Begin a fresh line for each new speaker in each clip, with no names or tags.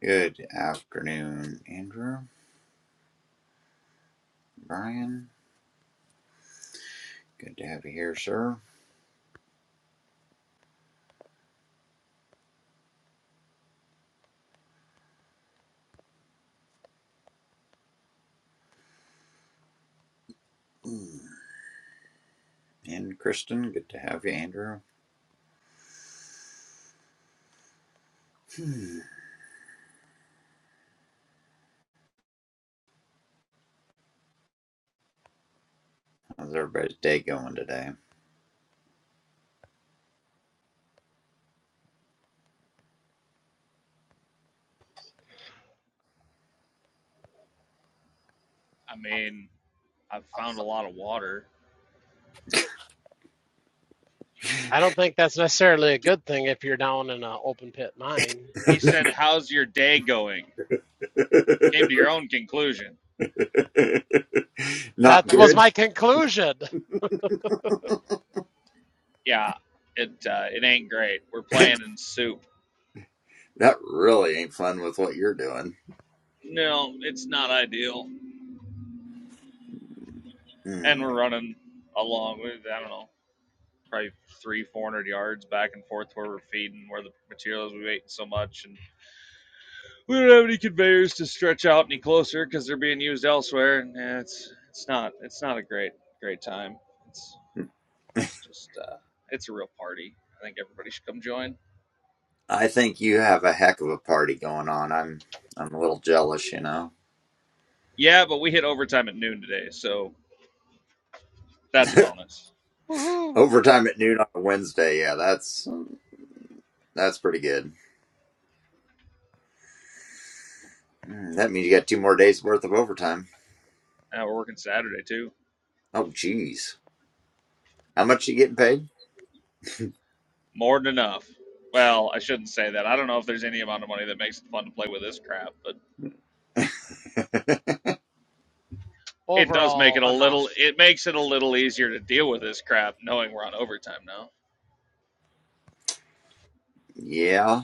Good afternoon, Andrew, Brian. Good to have you here, sir. Mm. And Kristen, good to have you, Andrew. Hmm. How's everybody's day going today?
I mean, I've found a lot of water.
I don't think that's necessarily a good thing if you're down in an open pit mine.
He said, "How's your day going?" Came to your own conclusion.
That
Not
was
good.
my conclusion.
Yeah, it uh, it ain't great. We're playing in soup.
that really ain't fun with what you're doing.
No, it's not ideal. And
Hmm.
we're running along with I don't know, probably three, four hundred yards back and forth where we're feeding, where the materials we've eaten so much, and we don't have any conveyors to stretch out any closer because they're being used elsewhere. And eh, it's it's not it's not a great great time. It's It's just uh, it's a real party. I think everybody should come join.
I think you have a heck of a party going on. I'm I'm a little jealous, you know.
Yeah, but we hit overtime at noon today, so that's a bonus.
Woohoo!
Overtime at noon on a Wednesday, yeah, that's that's pretty good. Hmm, That means you got two more days worth of overtime.
And we're working Saturday too.
Oh, geez. How much you getting paid?
More than enough. Well, I shouldn't say that. I don't know if there's any amount of money that makes it fun to play with this crap, but it does make
Overall,
it a little.
enough.
It makes it a little easier to deal with this crap, knowing we're on overtime now.
Yeah.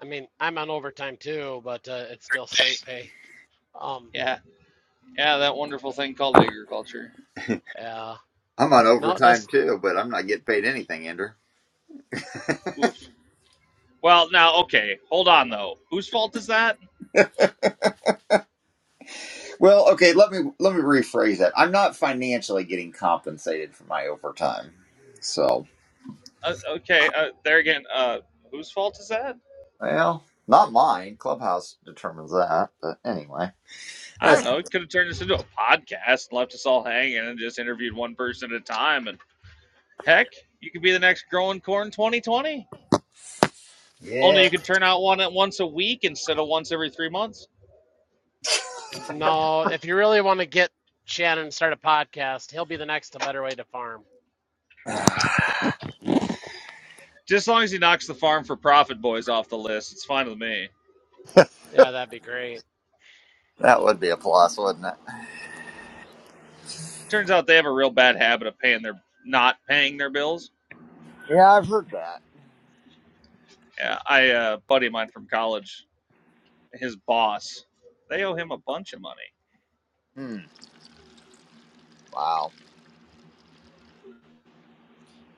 I mean, I'm on overtime too, but uh, it's still straight pay. Um,
Yeah, yeah, that wonderful thing called agriculture.
yeah.
I'm on
No,
overtime
just
too, but I'm not getting paid anything, Ender.
Oof. Well, now, okay, hold on though. Whose fault is that?
Well, okay, let me let me rephrase that. I'm not financially getting compensated for my overtime. So
Uh, okay, uh, there again. Uh, whose fault is that?
well, not mine. Clubhouse determines that, but anyway.
I don't
That's
know. It could have turned this into a podcast, left us all hanging, and just interviewed one person at a time. And heck, you could be the next growing corn 2020. Only
yeah.
you could turn out one at once a week instead of once every three months.
no. If you really want to get Shannon to start a podcast, he'll be the next A Better Way to Farm.
that
Just as long as he knocks the farm for profit boys off the list, it's fine with me.
Yeah, that'd be great.
would be a plus, wouldn't it?
Turns out they have a real bad habit of paying their not paying their bills.
Yeah, I've heard that.
Yeah, I uh, buddy of mine from college, his boss, they owe him a bunch of money.
Hmm. Wow.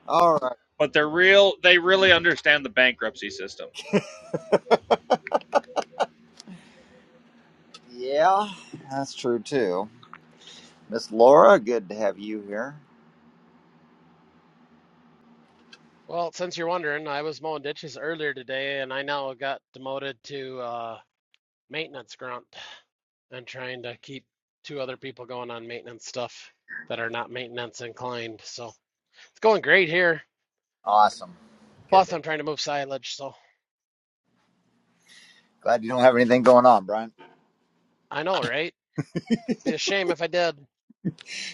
All right.
But they're real. They really understand the bankruptcy system.
Yeah, that's true too. Miss Laura, good to have you here.
Well, since you're wondering, I was mowing ditches earlier today, and I now got demoted to uh, maintenance grunt. I'm trying to keep two other people going on maintenance stuff that are not maintenance inclined. So it's going great here.
Awesome. Good.
Plus,
news.
I'm trying to move silage. So
Glad you don't have anything going on, Brian.
I know, right? Be a shame if I did.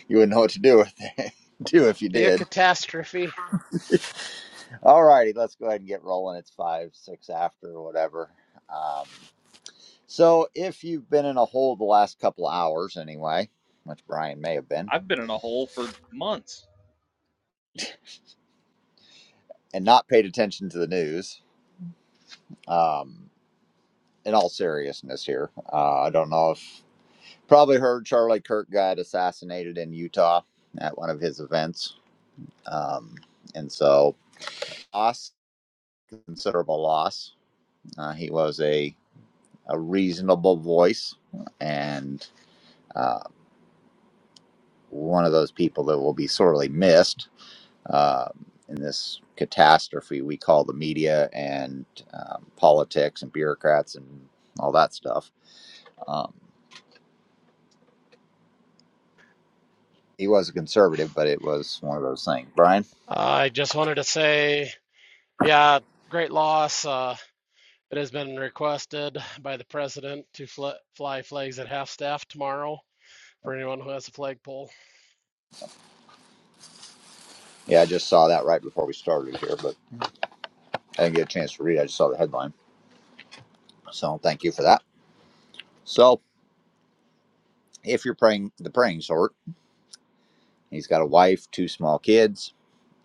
You wouldn't know what to do with it, do if you
Be a
did.
catastrophe.
All righty, let's go ahead and get rolling. It's five, six after, or whatever. Um, so, if you've been in a hole the last couple of hours, anyway, which Brian may have been,
I've been in a hole for months.
and not paid attention to the news, um, in all seriousness, here, uh, I don't know if probably heard Charlie Kirk got assassinated in Utah at one of his events, um, and so loss, considerable loss. Uh, he was a a reasonable voice and uh, one of those people that will be sorely missed uh, in this catastrophe we call the media and um, politics and bureaucrats and all that stuff. Um, he was a conservative, but it was one of those things. Brian,
Uh, I just wanted to say, yeah, great loss. Uh, it has been requested by the president to fl- fly flags at half staff tomorrow for anyone who has a flagpole.
yeah, I just saw that right before we started here, but I didn't get a chance to read. it. I just saw the headline, so thank you for that. So, if you're praying the praying sort, he's got a wife, two small kids,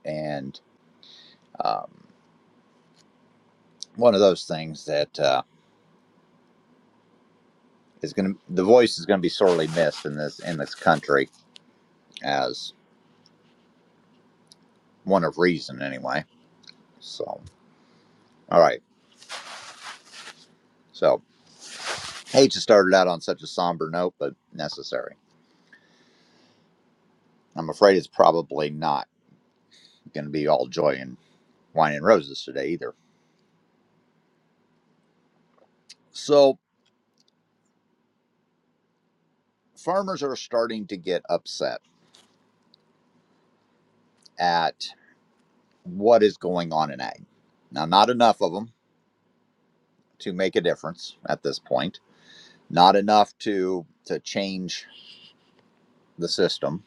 and um, one of those things that uh, is going to the voice is going to be sorely missed in this in this country as one of reason anyway. So all right, so hate to start it out on such a somber note, but necessary. I'm afraid it's probably not going to be all joy and wine and roses today either. So farmers are starting to get upset at what is going on in ag. Now, not enough of them to make a difference at this point. Not enough to to change the system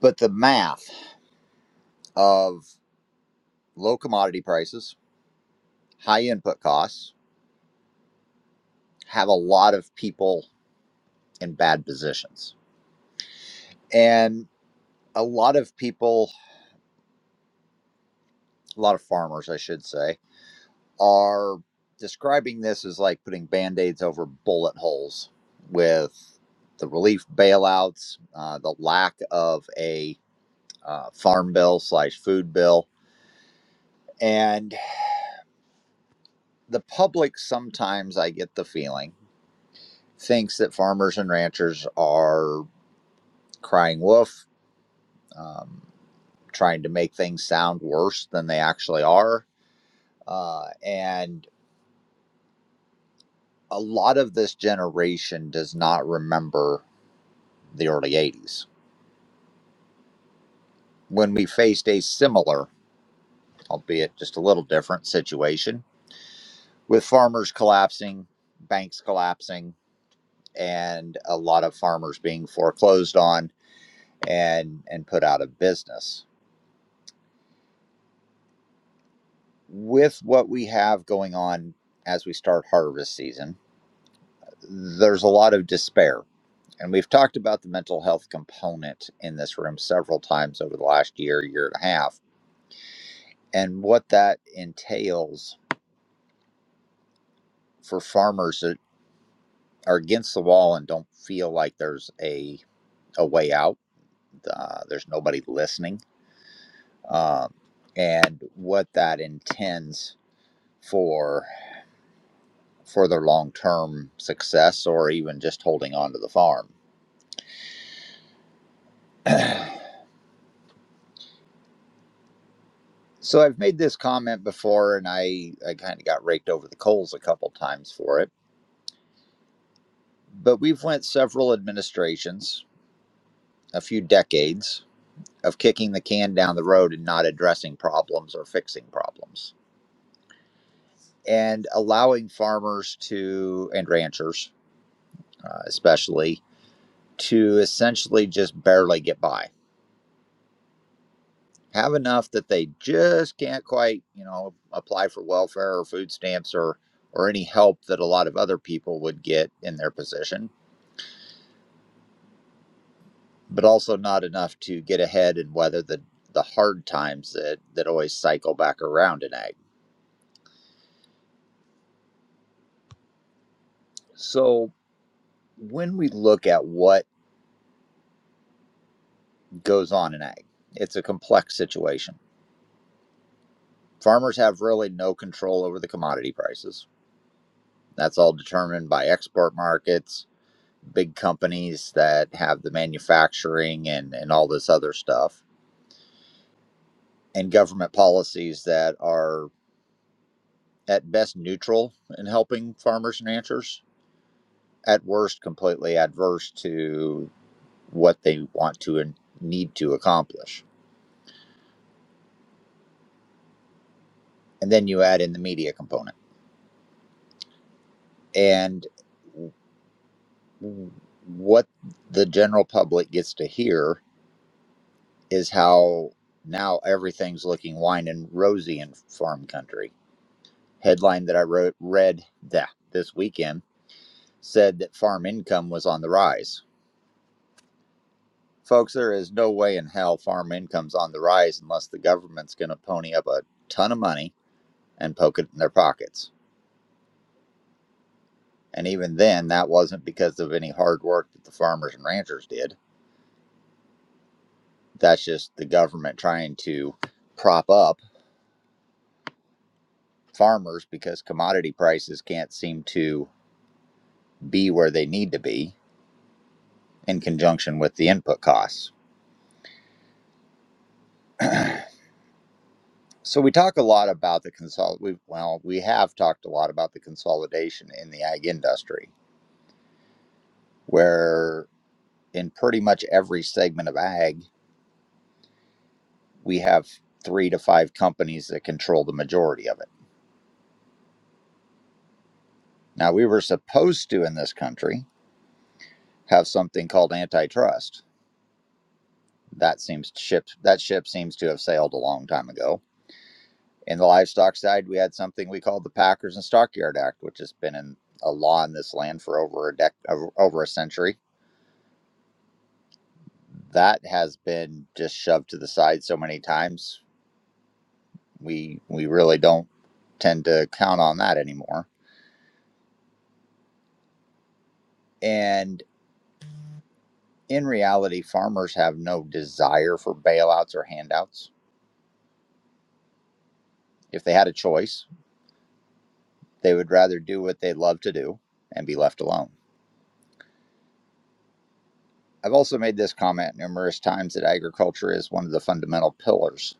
But the math of low commodity prices, high input costs have a lot of people in bad positions. And a lot of people, a lot of farmers, I should say, are describing this as like putting band aids over bullet holes with the relief bailouts, uh, the lack of a uh, farm bill slash food bill. And the public sometimes, I get the feeling, thinks that farmers and ranchers are crying wolf, um, trying to make things sound worse than they actually are. Uh, and a lot of this generation does not remember the early 80s when we faced a similar, albeit just a little different, situation with farmers collapsing, banks collapsing, and a lot of farmers being foreclosed on and and put out of business with what we have going on as we start harvest season, there's a lot of despair. And we've talked about the mental health component in this room several times over the last year, year and a half, and what that entails for farmers that are against the wall and don't feel like there's a, a way out. Uh, there's nobody listening, um, and what that intends for for their long term success or even just holding on to the farm so I've made this comment before, and I I kind of got raked over the coals a couple times for it. But we've went several administrations, a few decades of kicking the can down the road and not addressing problems or fixing problems, and allowing farmers to and ranchers, uh, especially, to essentially just barely get by. have enough that they just can't quite, you know, apply for welfare or food stamps or or any help that a lot of other people would get in their position, but also not enough to get ahead and weather the the hard times that that always cycle back around in ag. So when we look at what goes on in ag, it's a complex situation. Farmers have really no control over the commodity prices. That's all determined by export markets, big companies that have the manufacturing and, and all this other stuff, and government policies that are at best neutral in helping farmers and ranchers, at worst, completely adverse to what they want to and need to accomplish. And then you add in the media component. And what the general public gets to hear is how now everything's looking wine and rosy in farm country headline that I wrote read that this weekend said that farm income was on the rise. Folks, there is no way in hell farm income's on the rise unless the government's going to pony up a ton of money and poke it in their pockets. And even then, that wasn't because of any hard work that the farmers and ranchers did. That's just the government trying to prop up farmers because commodity prices can't seem to be where they need to be in conjunction with the input costs. So we talk a lot about the consol. We well, we have talked a lot about the consolidation in the ag industry, where in pretty much every segment of ag, we have three to five companies that control the majority of it. Now we were supposed to in this country have something called antitrust. That seems to ship that ship seems to have sailed a long time ago. In the livestock side, we had something we called the Packers and Stockyard Act, which has been in a law in this land for over a dec over a century that has been just shoved to the side so many times. We we really don't tend to count on that anymore. And in reality, farmers have no desire for bailouts or handouts. If they had a choice, they would rather do what they love to do and be left alone. I've also made this comment numerous times that agriculture is one of the fundamental pillars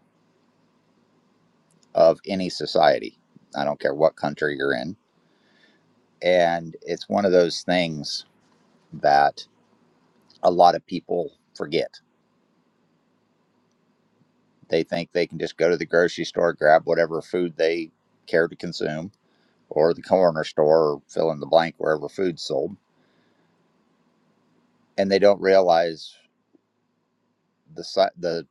of any society. I don't care what country you're in. And it's one of those things that a lot of people forget They think they can just go to the grocery store, grab whatever food they care to consume, or the corner store, or fill in the blank wherever food's sold, and they don't realize the su- the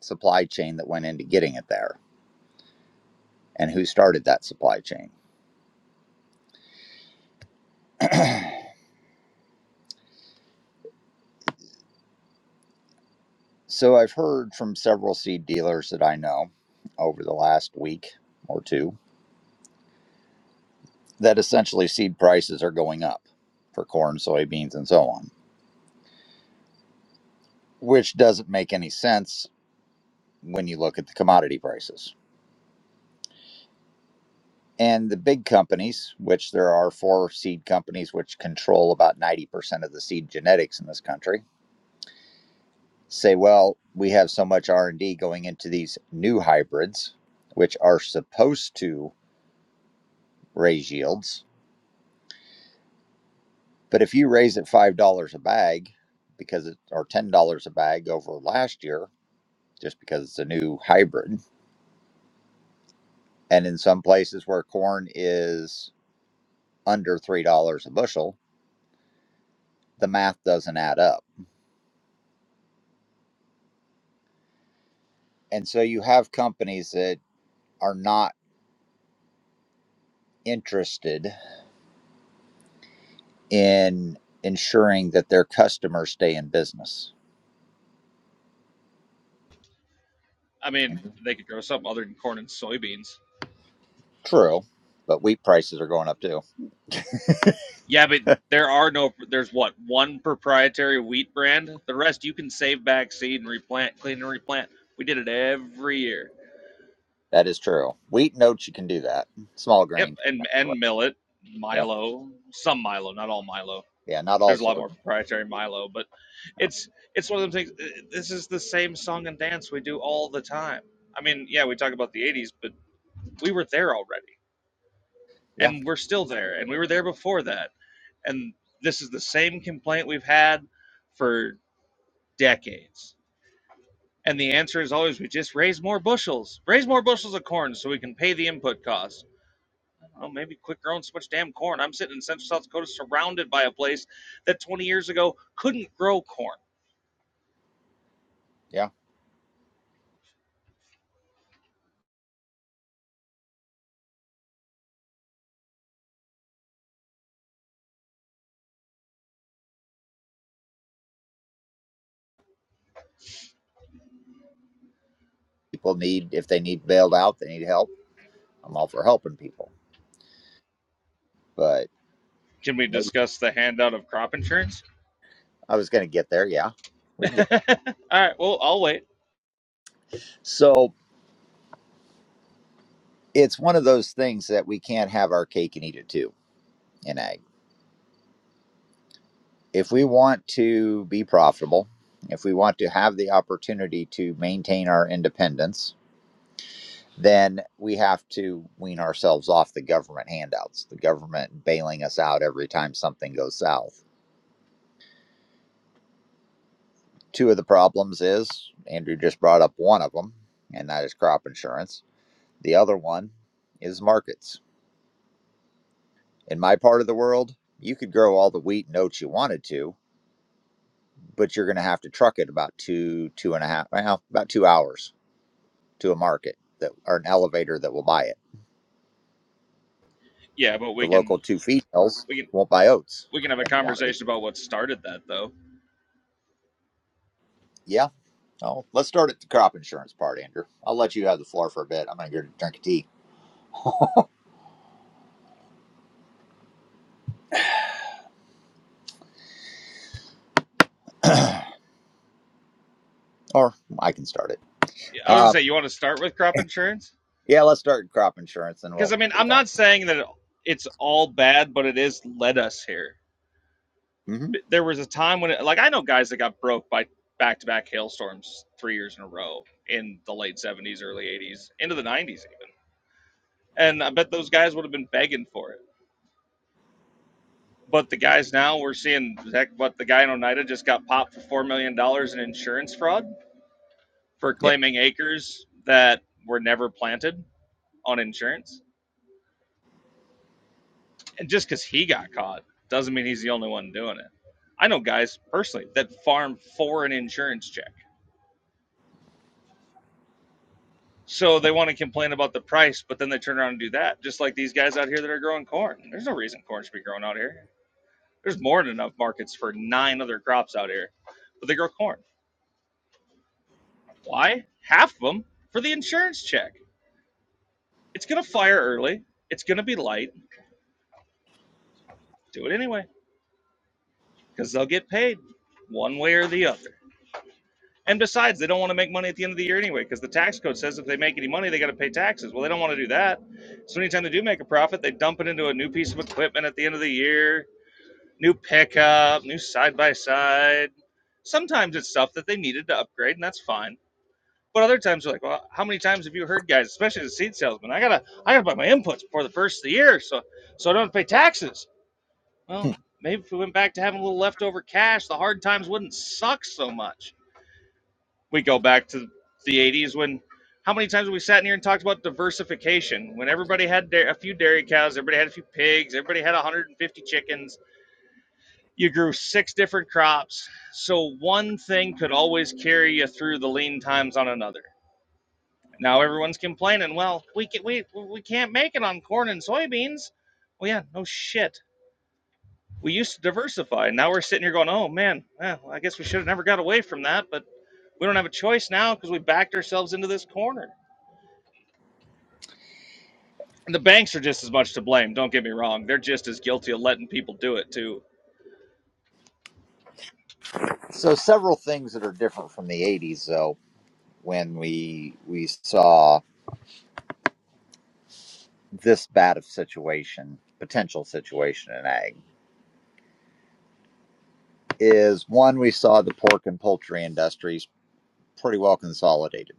supply chain that went into getting it there and who started that supply chain. So I've heard from several seed dealers that I know over the last week or two that essentially seed prices are going up for corn, soybeans, and so on, which doesn't make any sense when you look at the commodity prices And the big companies, which there are four seed companies which control about 90% of the seed genetics in this country, say, well, we have so much R&D going into these new hybrids, which are supposed to raise yields. But if you raise it $5 a bag because it or $10 a bag over last year just because it's a new hybrid, and in some places where corn is under $3 a bushel, the math doesn't add up. And so you have companies that are not interested in ensuring that their customers stay in business.
I mean,
Mm-hmm.
they could grow something other than corn and soybeans.
True, but wheat prices are going up too.
Yeah, but there are no. There's what one proprietary wheat brand. The rest you can save back seed and replant, clean and replant. We did it every year.
That is true. Wheat and oats, you can do that. Small
Yep,
grain.
and and millet,
Yep.
Milo, some Milo, not all Milo.
Yeah, not all
There's a lot more
sorts.
proprietary Milo, but
No.
it's it's one of those things. uh, This is the same song and dance we do all the time. I mean, yeah, we talk about the '80s, but we were there already,
Yeah,
and we're still there, and we were there before that And this is the same complaint we've had for decades. And the answer is always we just raise more bushels, raise more bushels of corn so we can pay the input costs. Oh, maybe quit growing so much damn corn. I'm sitting in central South Dakota surrounded by a place that 20 years ago couldn't grow corn.
yeah. People need, if they need bailed out, they need help. I'm all for helping people. But
Can we discuss the handout of crop insurance?
I was going to get there. Yeah, we can
All
get there.
right, well, I'll wait.
So it's one of those things that we can't have our cake and eat it too in ag. if we want to be profitable, if we want to have the opportunity to maintain our independence, then we have to wean ourselves off the government handouts, the government bailing us out every time something goes south. Two of the problems is Andrew just brought up one of them, and that is crop insurance. The other one is markets. In my part of the world, you could grow all the wheat and oats you wanted to, but you're going to have to truck it about two, two and a half, well, about two hours to a market that or an elevator that will buy it.
Yeah, but
The
we can
local two females
we can
won't buy oats
we can have a
in quantity.
conversation about what started that though.
Yeah. Oh, let's start at the crop insurance part, Andrew. I'll let you have the floor for a bit. I'm gonna go drink a tea, or I can start it.
Yeah, I was gonna
Uh,
say you want to start with crop insurance?
yeah, let's start at crop insurance, and
because
we'll
I mean, I'm
move on.
not saying that it's all bad, but it is led us here.
hmm
There was a time when, it, like, I know guys that got broke by back-to-back hailstorms three years in a row in the late '70s, early '80s, into the '90s even, and I bet those guys would have been begging for it. But the guys now we're seeing, heck, what the guy in Oneida just got popped for four million dollars in insurance fraud for
Yeah.
claiming acres that were never planted on insurance and just because he got caught doesn't mean he's the only one doing it. I know guys personally that farm for an insurance check. So they want to complain about the price, but then they turn around and do that, just like these guys out here that are growing corn. There's no reason corn should be grown out here. There's more than enough markets for nine other crops out here, but they grow corn. Why? Half of them for the insurance check. It's going to fire early, it's going to be light. Do it anyway because they'll get paid one way or the other. And besides, they don't want to make money at the end of the year anyway, because the tax code says if they make any money, they got to pay taxes. Well, they don't want to do that. So anytime they do make a profit, they dump it into a new piece of equipment at the end of the year, new pickup, new side by side. Sometimes it's stuff that they needed to upgrade, and that's fine. But other times they're like, well, how many times have you heard guys, especially the seed salesman, I gotta, I gotta buy my inputs before the first of the year, so, so I don't have to pay taxes. Well, maybe if we went back to having a little leftover cash, the hard times wouldn't suck so much we go back to the 80s when how many times have we sat in here and talked about diversification when everybody had da- a few dairy cows everybody had a few pigs everybody had 150 chickens you grew six different crops so one thing could always carry you through the lean times on another now everyone's complaining well we can, we we can't make it on corn and soybeans well yeah no shit we used to diversify now we're sitting here going oh man eh, well, i guess we should have never got away from that but we don't have a choice now because we backed ourselves into this corner And the banks are just as much to blame. Don't get me wrong; they're just as guilty of letting people do it too.
So several things that are different from the '80s, though, when we we saw this bad of situation, potential situation in ag, is one we saw the pork and poultry industries pretty well consolidated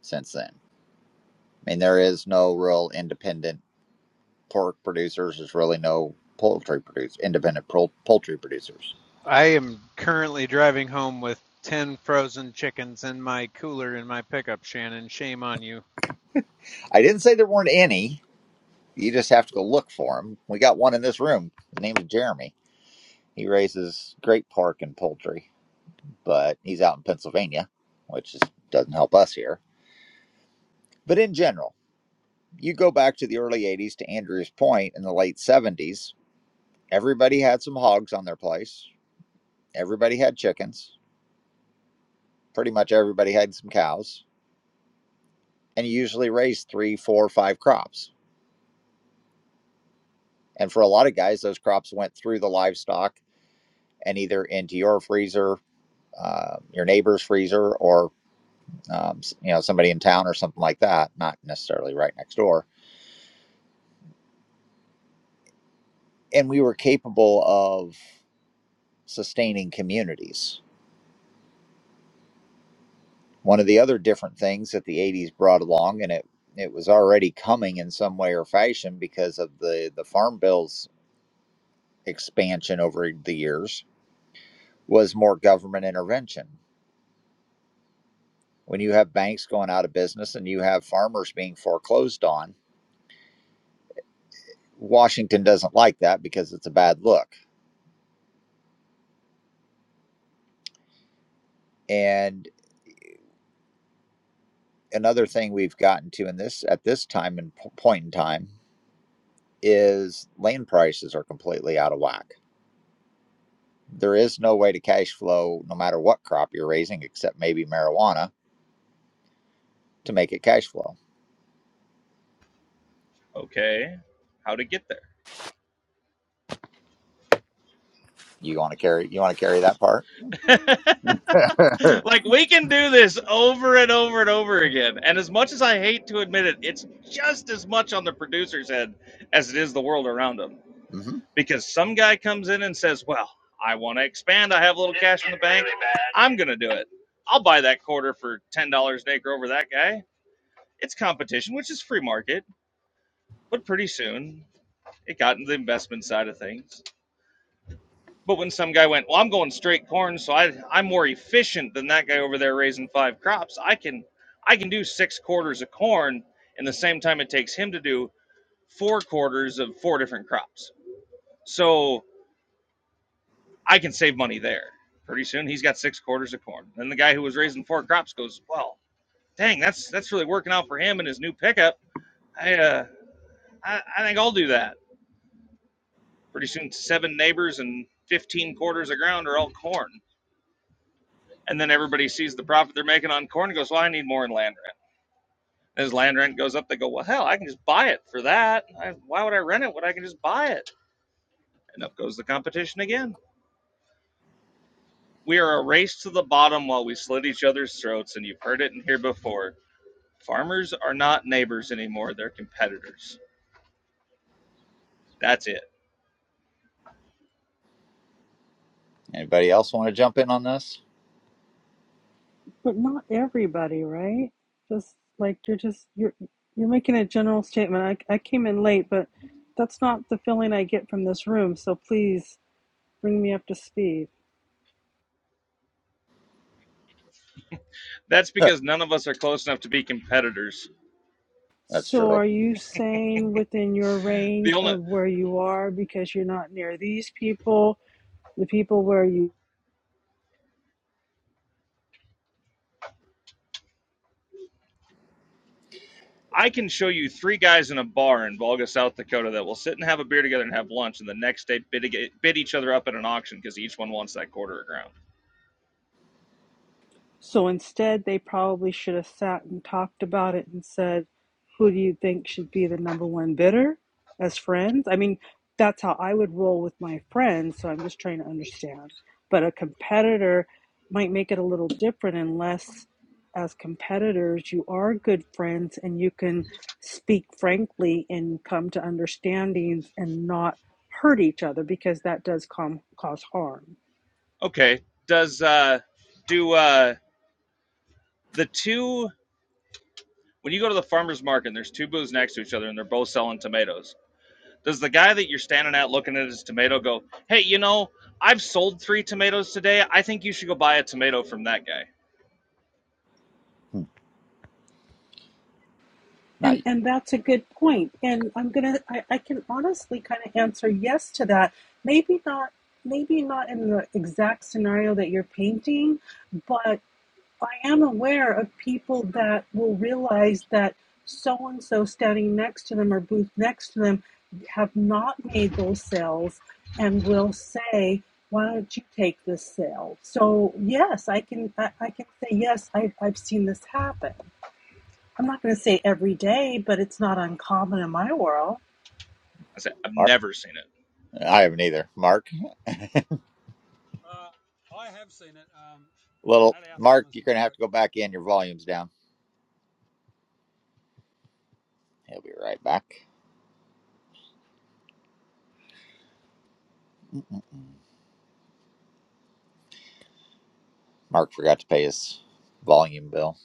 since then. I mean, there is no real independent pork producers. There's really no poultry producers. independent pol- poultry producers.
I am currently driving home with 10 frozen chickens in my cooler in my pickup, Shannon. Shame on you.
I didn't say there weren't any. You just have to go look for them. We got one in this room named Jeremy. He raises great pork and poultry, but he's out in Pennsylvania, which is, doesn't help us here. But in general, you go back to the early 80s to Andrew's point in the late 70s, everybody had some hogs on their place. Everybody had chickens pretty much everybody had some cows and you usually raised three, four, five crops. And for a lot of guys, those crops went through the livestock and either into your freezer, uh, your neighbor's freezer, or um, you know somebody in town or something like that. Not necessarily right next door. And we were capable of sustaining communities. One of the other different things that the '80s brought along, and it it was already coming in some way or fashion because of the the farm bills expansion over the years was more government intervention. When you have banks going out of business and you have farmers being foreclosed on, Washington doesn't like that because it's a bad look. And another thing we've gotten to in this at this time and point in time is land prices are completely out of whack. There is no way to cash flow no matter what crop you're raising except maybe marijuana to make it cash flow.
Okay, how to get there?
You want to carry you want to carry that part?
like we can do this over and over and over again. And as much as I hate to admit it, it's just as much on the producer's head as it is the world around them.
hmm
Because some guy comes in and says, "Well, I want to expand. I have a little cash in the bank. I'm gonna do it. I'll buy that quarter for ten dollars an acre over that guy." It's competition, which is free market, but pretty soon it got into the investment side of things. But when some guy went, well, I'm going straight corn, so I I'm more efficient than that guy over there raising five crops. I can I can do six quarters of corn in the same time it takes him to do four quarters of four different crops. So I can save money there. Pretty soon he's got six quarters of corn. Then the guy who was raising four crops goes, well, dang, that's that's really working out for him and his new pickup. I uh I, I think I'll do that. Pretty soon seven neighbors and 15 quarters of ground are all corn And then everybody sees the profit they're making on corn and goes, Well, I need more in land rent. And as land rent goes up, they go, Well, hell, I can just buy it for that. I, why would I rent it when I can just buy it? And up goes the competition again. We are a race to the bottom while we slit each other's throats, and you've heard it in here before. Farmers are not neighbors anymore, they're competitors. That's it.
Anybody else want to jump in on this?
But not everybody, right? Just like you're just you're you're making a general statement. I I came in late, but that's not the feeling I get from this room, so please bring me up to speed.
That's because none of us are close enough to be competitors.
That's
So
true.
are you saying within your
The
range
only
of where you are because you're not near these people, the people where you
I can show you three guys in a bar in Volga, South Dakota that will sit and have a beer together and have lunch, and the next day bid, bid each other up at an auction because each one wants that quarter of ground.
So instead, they probably should have sat and talked about it and said, who do you think should be the number one bidder as friends? I mean, that's how I would roll with my friends. So I'm just trying to understand. But a competitor might make it a little different unless, as competitors, you are good friends and you can speak frankly and come to understandings and not hurt each other because that does com- cause harm.
Okay, does uh, do uh, the two when you go to the farmers market and there's two booths next to each other and they're both selling tomatoes? Does the guy that you're standing at looking at his tomato go, "Hey, you know, I've sold three tomatoes today. I think you should go buy a tomato from that guy." I
Hmm. Not
And
you.
and that's a good point. And I'm gonna I, I can honestly kind of answer yes to that. Maybe not maybe not in the exact scenario that you're painting, but I am aware of people that will realize that so and so standing next to them or booth next to them have not made those sales and will say, Why don't you take this sale? So yes, I can I, I can say yes, I've I've seen this happen. I'm not going to say every day, but it's not uncommon in my world.
said, "I've never seen it,"
I haven't either. Mark,
Uh, I have seen it um,
little
at our
Mark,
farmers
you're gonna have
market.
to go back in. Your volume's down. He'll be right back. Mm-mm-mm. Mark forgot to pay his volume bill.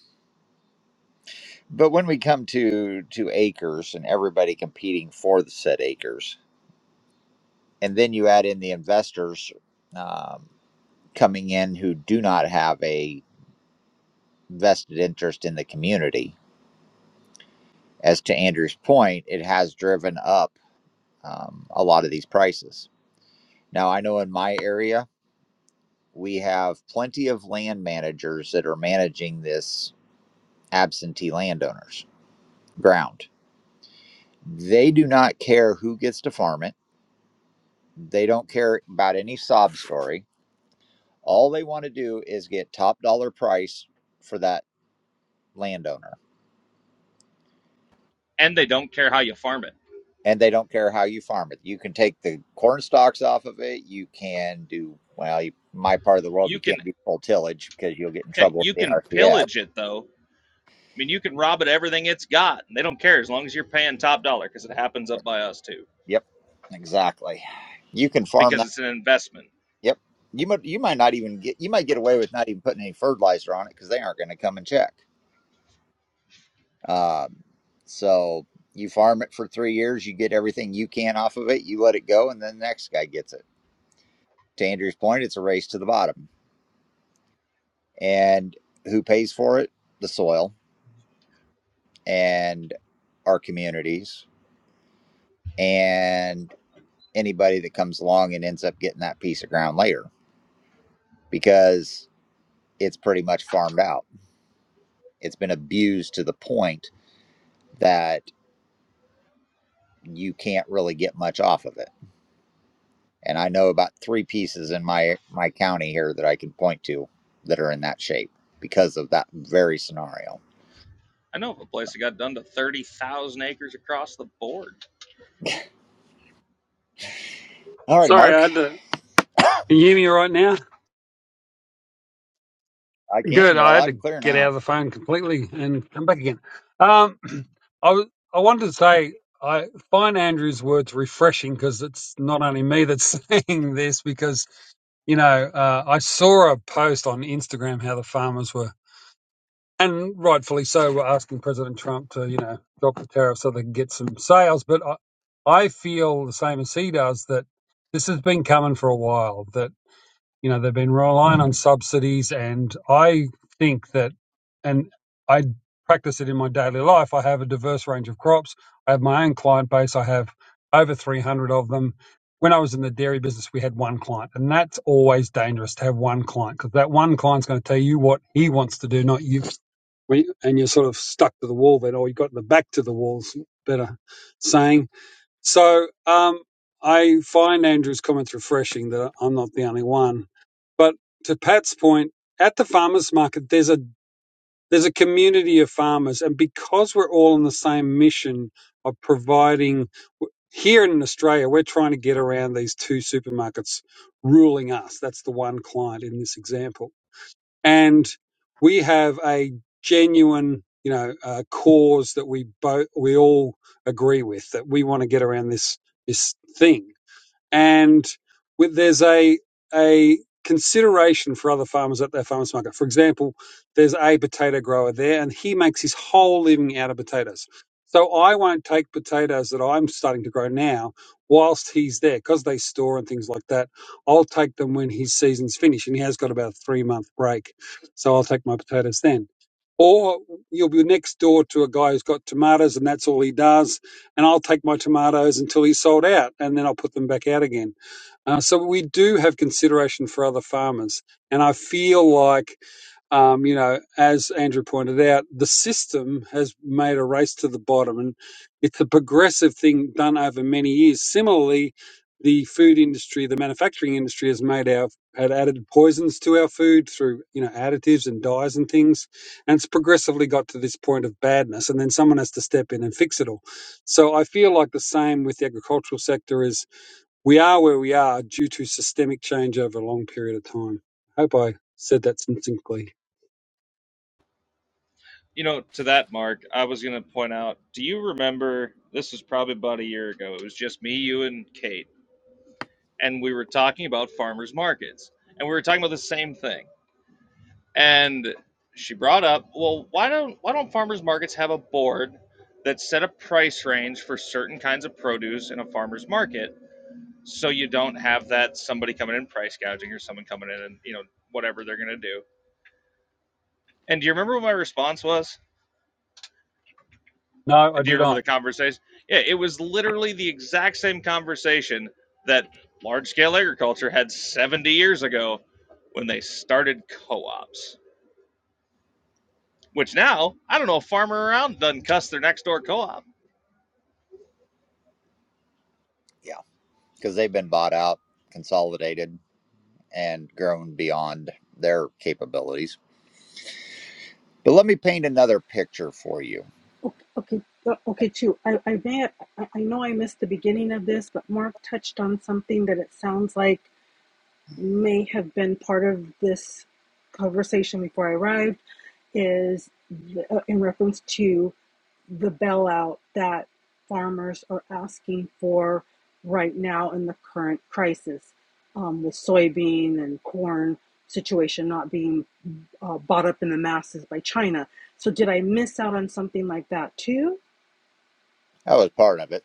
But when we come to to acres and everybody competing for the said acres, and then you add in the investors um, coming in who do not have a vested interest in the community. As to Andrew's point, it has driven up um, a lot of these prices. Now I know in my area. we have plenty of land managers that are managing this absentee landowners ground. They do not care who gets to farm it. They don't care about any sob story. All they want to do is get top dollar price for that landowner.
and they don't care how you farm it.
And they don't care how you farm it. You can take the corn stalks off of it. You can do, well, you, my part of the world,
You
you
can,
can't do full tillage because you'll get in
hey,
trouble with
you
the
can
NRCS.
pillage it though I mean, you can rob it everything it's got, and they don't care as long as you're paying top dollar because it happens up by us too,
Yep, exactly. You can farm
because it's an investment.
Yep. You might you might not even get you might get away with not even putting any fertilizer on it because they aren't going to come and check. Um, so you farm it for three years, you get everything you can off of it, you let it go, and then the next guy gets it. To Andrew's point, it's a race to the bottom, and who pays for it? The soil and our communities and anybody that comes along and ends up getting that piece of ground later because it's pretty much farmed out. It's been abused to the point that you can't really get much off of it. And I know about three pieces in my my county here that I can point to that are in that shape because of that very scenario.
I know of a place that got done to 30,000 acres across the board.
All right,
Sorry,
Mark,
I had to. Can you hear me right now?
I can.
Good.
You're
I had
loud
to
and clear
get out
now.
of the phone completely and come back again. Um, I was, I wanted to say I find Andrew's words refreshing because it's not only me that's saying this because you know uh, I saw a post on Instagram how the farmers were. and rightfully so, we're asking President Trump to, you know, drop the tariff so they can get some sales. But I, I feel the same as he does that this has been coming for a while. That you know they've been relying on subsidies and i think that and i practice it in my daily life i have a diverse range of crops i have my own client base i have over 300 of them when i was in the dairy business we had one client and that's always dangerous to have one client because that one client's going to tell you what he wants to do not you and you're sort of stuck to the wall then or you got the back to the walls better saying so um, I find Andrew's comments refreshing that I'm not the only one. But to Pat's point, at the farmers market, there's a there's a community of farmers, and because we're all on the same mission of providing here in Australia, we're trying to get around these two supermarkets ruling us. That's the one client in this example and we have a genuine you know uh, cause that we both we all agree with that we want to get around this this thing and with, there's a a consideration for other farmers at their farmers market. For example, there's a potato grower there, and he makes his whole living out of potatoes. So I won't take potatoes that I'm starting to grow now whilst he's there because they store and things like that. I'll take them when his season's finished, and he has got about a three month break, so I'll take my potatoes then. Or you'll be next door to a guy who's got tomatoes and that's all he does and I'll take my tomatoes until he's sold out, and then I'll put them back out again. Uh, so we do have consideration for other farmers, and I feel like um, you know, as Andrew pointed out, the system has made a race to the bottom, and it's a progressive thing done over many years. Similarly, the food industry, the manufacturing industry, has made our had added poisons to our food through you know additives and dyes and things, and it's progressively got to this point of badness, and then someone has to step in and fix it all. So I feel like the same with the agricultural sector is we are where we are due to systemic change over a long period of time. Hope I said that succinctly.
You know, to that, Mark, I was going to point out do you remember this was probably about a year ago? It was just me, you, and Kate, and we were talking about farmers markets, and we were talking about the same thing. And she brought up, well, why don't why don't farmers markets have a board that set a price range for certain kinds of produce in a farmer's market so you don't have that somebody coming in price gouging or someone coming in and you know whatever they're going to do and do you remember what my response was
No, I
and do you
do
remember the
not.
conversation yeah it was literally the exact same conversation that large scale agriculture had 70 years ago when they started co-ops which now i don't know a farmer around doesn't cuss their next door co-op
Yeah, because they've been bought out, consolidated, and grown beyond their capabilities. But let me paint another picture for you.
Okay, okay, uh, okay, too. I, I may have, I know I missed the beginning of this, but Mark touched on something that it sounds like may have been part of this conversation before I arrived, is uh, in reference to the bailout that farmers are asking for right now in the current crisis, um, with soybean and corn situation not being uh, bought up in the masses by China. So did I miss out on something like that too?
That was part of it,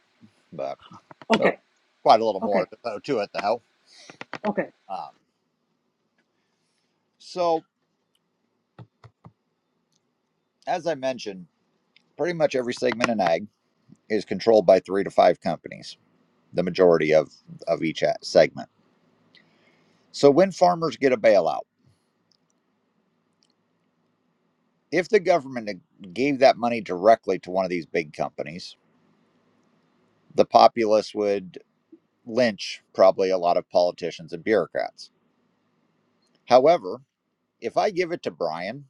but there was
Okay,
quite a little more
okay,
to it, though.
okay.
Um, so, as I mentioned, pretty much every segment in ag is controlled by three to five companies, the majority of, of each uh, segment. So when farmers get a bailout, if the government gave that money directly to one of these big companies, the populace would lynch probably a lot of politicians and bureaucrats. However, if I give it to Brian,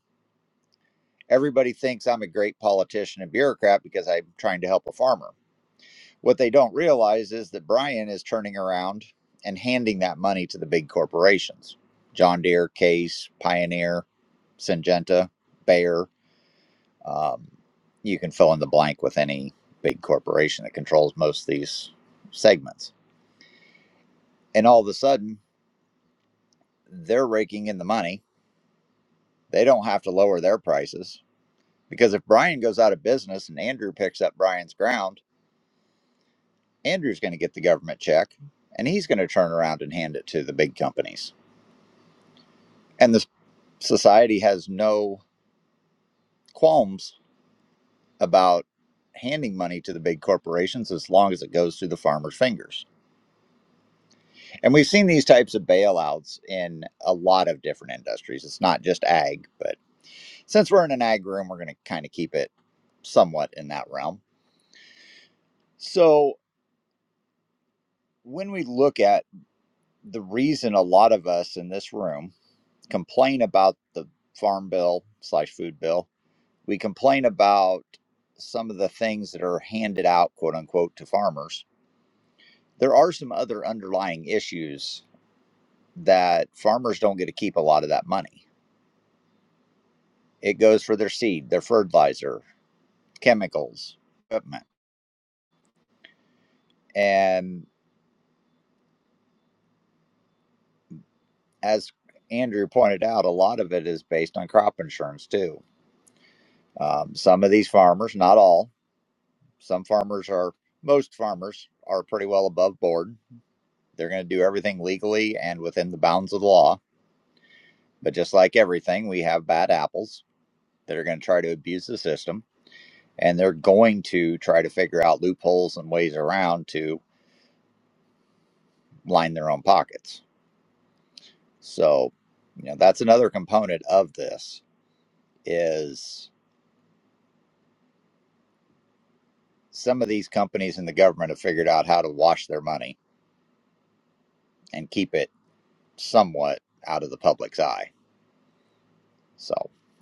everybody thinks I'm a great politician and bureaucrat because I'm trying to help a farmer. What they don't realize is that Brian is turning around and handing that money to the big corporations John Deere, Case, Pioneer, Syngenta, Bayer. Um, you can fill in the blank with any big corporation that controls most of these segments. And all of a sudden, they're raking in the money. They don't have to lower their prices because if Brian goes out of business and Andrew picks up Brian's ground, Andrew's going to get the government check and he's going to turn around and hand it to the big companies and the society has no qualms about handing money to the big corporations as long as it goes through the farmers' fingers. And we've seen these types of bailouts in a lot of different industries. It's not just ag, but since we're in an ag room, we're going to kind of keep it somewhat in that realm. So when we look at the reason a lot of us in this room complain about the farm bill slash food bill We complain about some of the things that are handed out, quote unquote, to farmers. There are some other underlying issues that farmers don't get to keep a lot of that money. It goes for their seed, their fertilizer, chemicals, equipment. And as Andrew pointed out, a lot of it is based on crop insurance too. Um, some of these farmers, not all, some farmers are, most farmers are pretty well above board. They're going to do everything legally and within the bounds of the law But just like everything, we have bad apples that are going to try to abuse the system, and they're going to try to figure out loopholes and ways around to line their own pockets. So, you know, that's another component of this is some of these companies and the government have figured out how to wash their money and keep it somewhat out of the public's eye. So,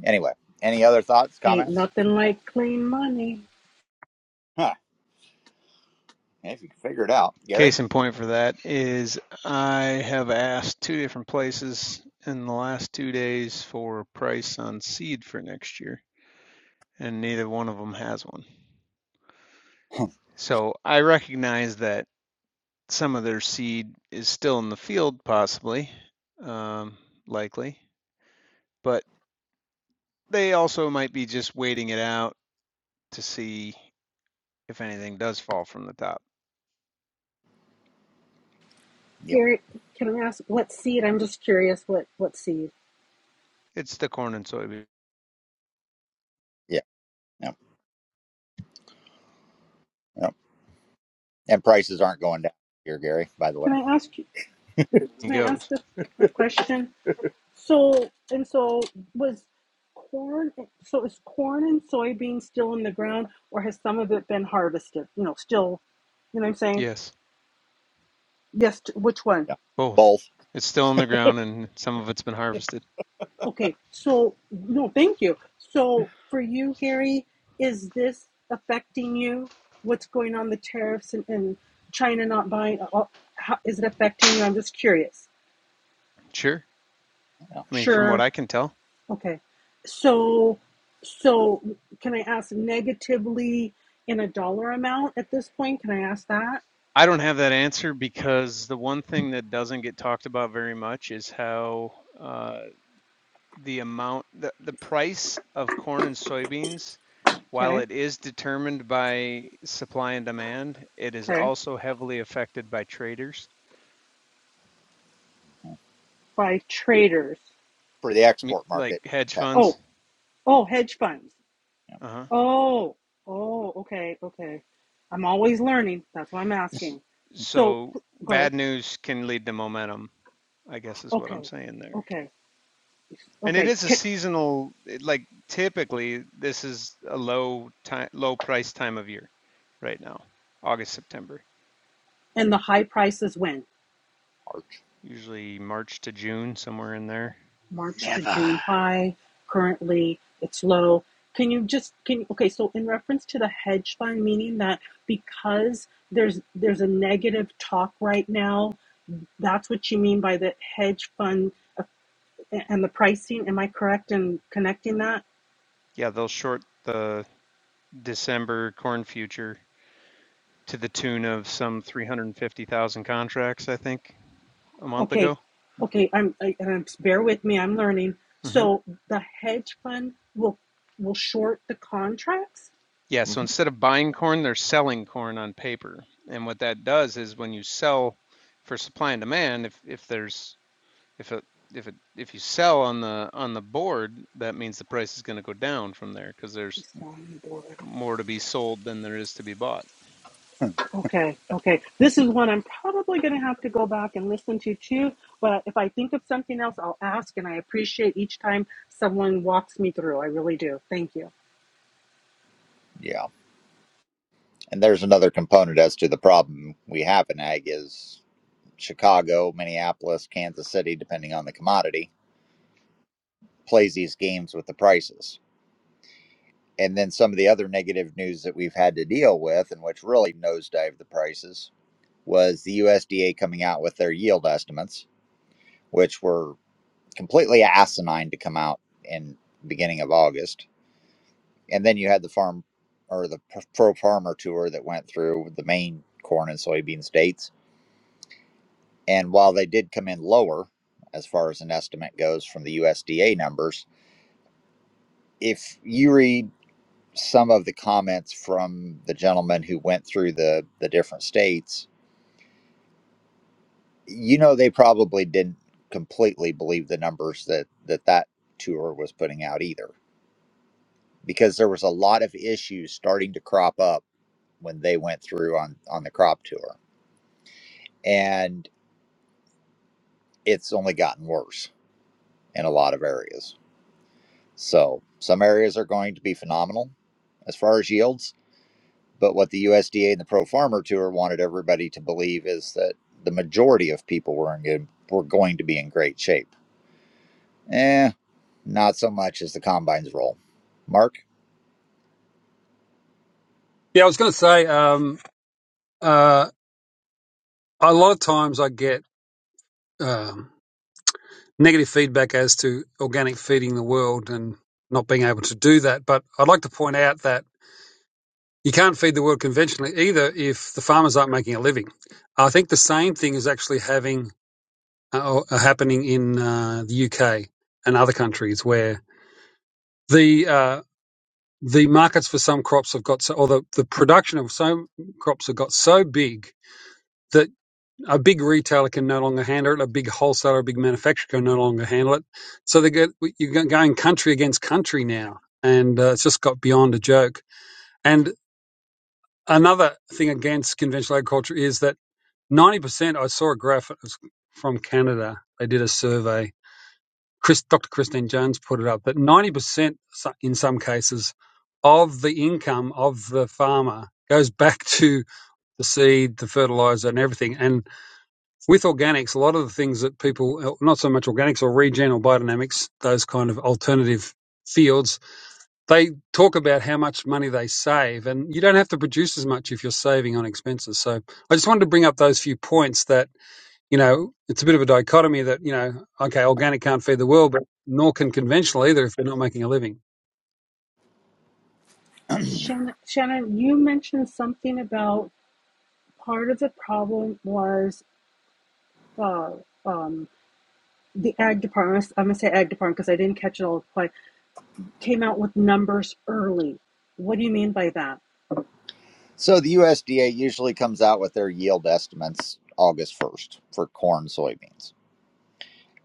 anyway, any other thoughts,
Ain't
comments?
nothing like clean money.
Huh. If you can figure it out, Gary.
Case in point for that is I have asked two different places in the last two days for a price on seed for next year, and neither one of them has one. So I recognize that some of their seed is still in the field, possibly, um, likely, but they also might be just waiting it out to see if anything does fall from the top.
Yep.
Garrett, can I ask what seed? I'm just curious. What what seed?
It's the corn and soybean.
Yeah. Yep. Yep. And prices aren't going down here, Gary, by the way.
Can I ask you?
He
Can I ask
goes,
a, a question? So and so was corn. So is corn and soybean still in the ground, or has some of it been harvested? You know, still. You know what I'm saying?
yes,
Yes. t- Which one?
Yeah.
both.
Both.
It's still in the ground and some of it's been harvested.
Okay, so no, thank you. So for you, Gary, is this affecting you? What's going on the tariffs and, and China not buying? uh, uh, How, is it affecting you? I'm just curious.
Sure.
Yeah.
I mean, from what
Sure.
I can tell,
Okay. So, so can I ask negatively in a dollar amount at this point? Can I ask that?
I don't have that answer because the one thing that doesn't get talked about very much is how uh, the amount, the, the price of corn and soybeans, while
Okay.
it is determined by supply and demand, it is
Okay.
also heavily affected by traders,
By traders.
For the export
like
market.
hedge
Yeah.
funds.
Oh, oh, hedge funds.
yeah,
Uh huh.
Oh, oh, okay, okay. I'm always learning. That's why I'm asking. So,
So
p- go ahead.
bad news can lead to momentum, I guess is what I'm
Okay,
saying there.
okay,
And it
okay.
is a
Can,
seasonal, like typically this is a low time, low price time of year right now, August, September,
and the high prices when?
usually March to June, somewhere in there.
March to
Never.
June high. Currently, it's low. Can you just can you, okay? So, in reference to the hedge fund, meaning that because there's there's a negative talk right now, that's what you mean by the hedge fund uh, and the pricing. Am I correct in connecting that?
Yeah, they'll short the December corn future to the tune of some 350,000 contracts, I think, a month
Okay,
ago.
okay. I'm I, and I'm bear with me. I'm learning.
hmm
So the hedge fund will will short the contracts.
Yeah,
Large.
so instead of buying corn, they're selling corn on paper. And what that does is when you sell for supply and demand, if if there's if a if it if you sell on the on the board, that means the price is going to go down from there because there's
He's on the board.
more to be sold than there is to be bought.
Mhm.
Okay, okay. This is one I'm probably going to have to go back and listen to too. But if I think of something else, I'll ask. And I appreciate each time someone walks me through. I really do. Thank you,
Yeah. And there's another component as to the problem we have in ag is Chicago, Minneapolis, Kansas City, depending on the commodity, plays these games with the prices. And then some of the other negative news that we've had to deal with, and which really nosedived the prices, was the USDA coming out with their yield estimates, which were completely asinine to come out in the beginning of August and then you had the farm or the pro farmer tour that went through the main corn and soybean states. And while they did come in lower, as far as an estimate goes from the USDA numbers, if you read some of the comments from the gentleman who went through the, the different states, you know they probably didn't completely believe the numbers that that, that tour was putting out either, because there was a lot of issues starting to crop up when they went through on on the crop tour and it's only gotten worse in a lot of areas. So some areas are going to be phenomenal as far as yields, but what the USDA and the Pro Farmer Tour wanted everybody to believe is that the majority of people were in good, were going to be in great shape. Eh, not so much as the combine's role. Mark.
Yeah, I was going to say, um, uh, a lot of times I get um, negative feedback as to organic feeding the world and not being able to do that. But I'd like to point out that you can't feed the world conventionally either if the farmers aren't making a living. I think the same thing is actually having uh, or- uh, happening in uh, the UK and other countries where the uh, the markets for some crops have got so, or the, the production of some crops have got so big that. a big retailer can no longer handle it, a big wholesaler, a big manufacturer can no longer handle it. So they get you're going country against country now, and uh, it's just got beyond a joke. And another thing against conventional agriculture is that 90%. I saw a graph it was from Canada. They did a survey. Chris, Dr. Christine Jones put it up that 90% so- in some cases of the income of the farmer goes back to the seed, the fertilizer, and everything. And with organics, a lot of the things that people, uh, not so much organics or regen or biodynamics, those kind of alternative fields, they talk about how much money they save and you don't have to produce as much if you're saving on expenses. So I just wanted to bring up those few points that, you know, it's a bit of a dichotomy that, you know, okay, organic can't feed the world, but nor can conventional either if they're not making a living.
Shannon. Shannon, you mentioned something about part of the problem was uh, um, the ag department. I'm gonna say ag department because I didn't catch it all. quite. came out with numbers early. What do you mean by that?
So the USDA usually comes out with their yield estimates August 1st for corn soybeans.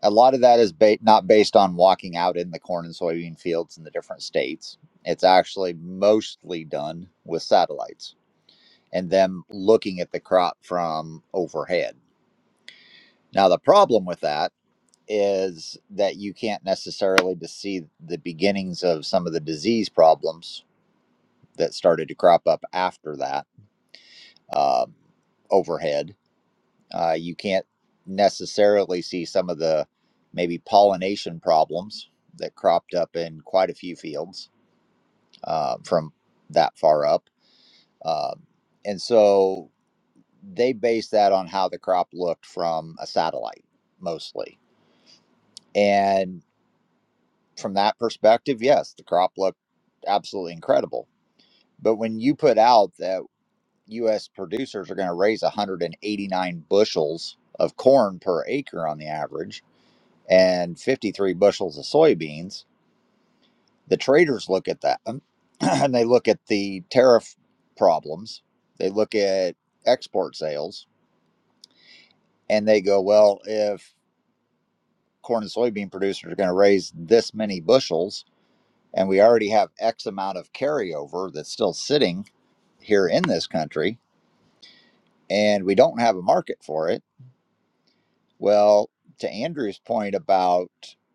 a lot of that is ba- not based on walking out in the corn and soybean fields in the different states. It's actually mostly done with satellites and them looking at the crop from overhead. Now, the problem with that is that you can't necessarily see the beginnings of some of the disease problems that started to crop up after that um, overhead Uh, you can't necessarily see some of the maybe pollination problems that cropped up in quite a few fields uh, from that far up. Um and so they based that on how the crop looked from a satellite mostly. And from that perspective, yes, the crop looked absolutely incredible. But when you put out that U.S. producers are going to raise 189 bushels of corn per acre on the average, and 53 bushels of soybeans. The traders look at that um, and they look at the tariff problems, they look at export sales, and they go, well, if corn and soybean producers are going to raise this many bushels, and we already have X amount of carryover that's still sitting here in this country, and we don't have a market for it, well, to Andrew's point about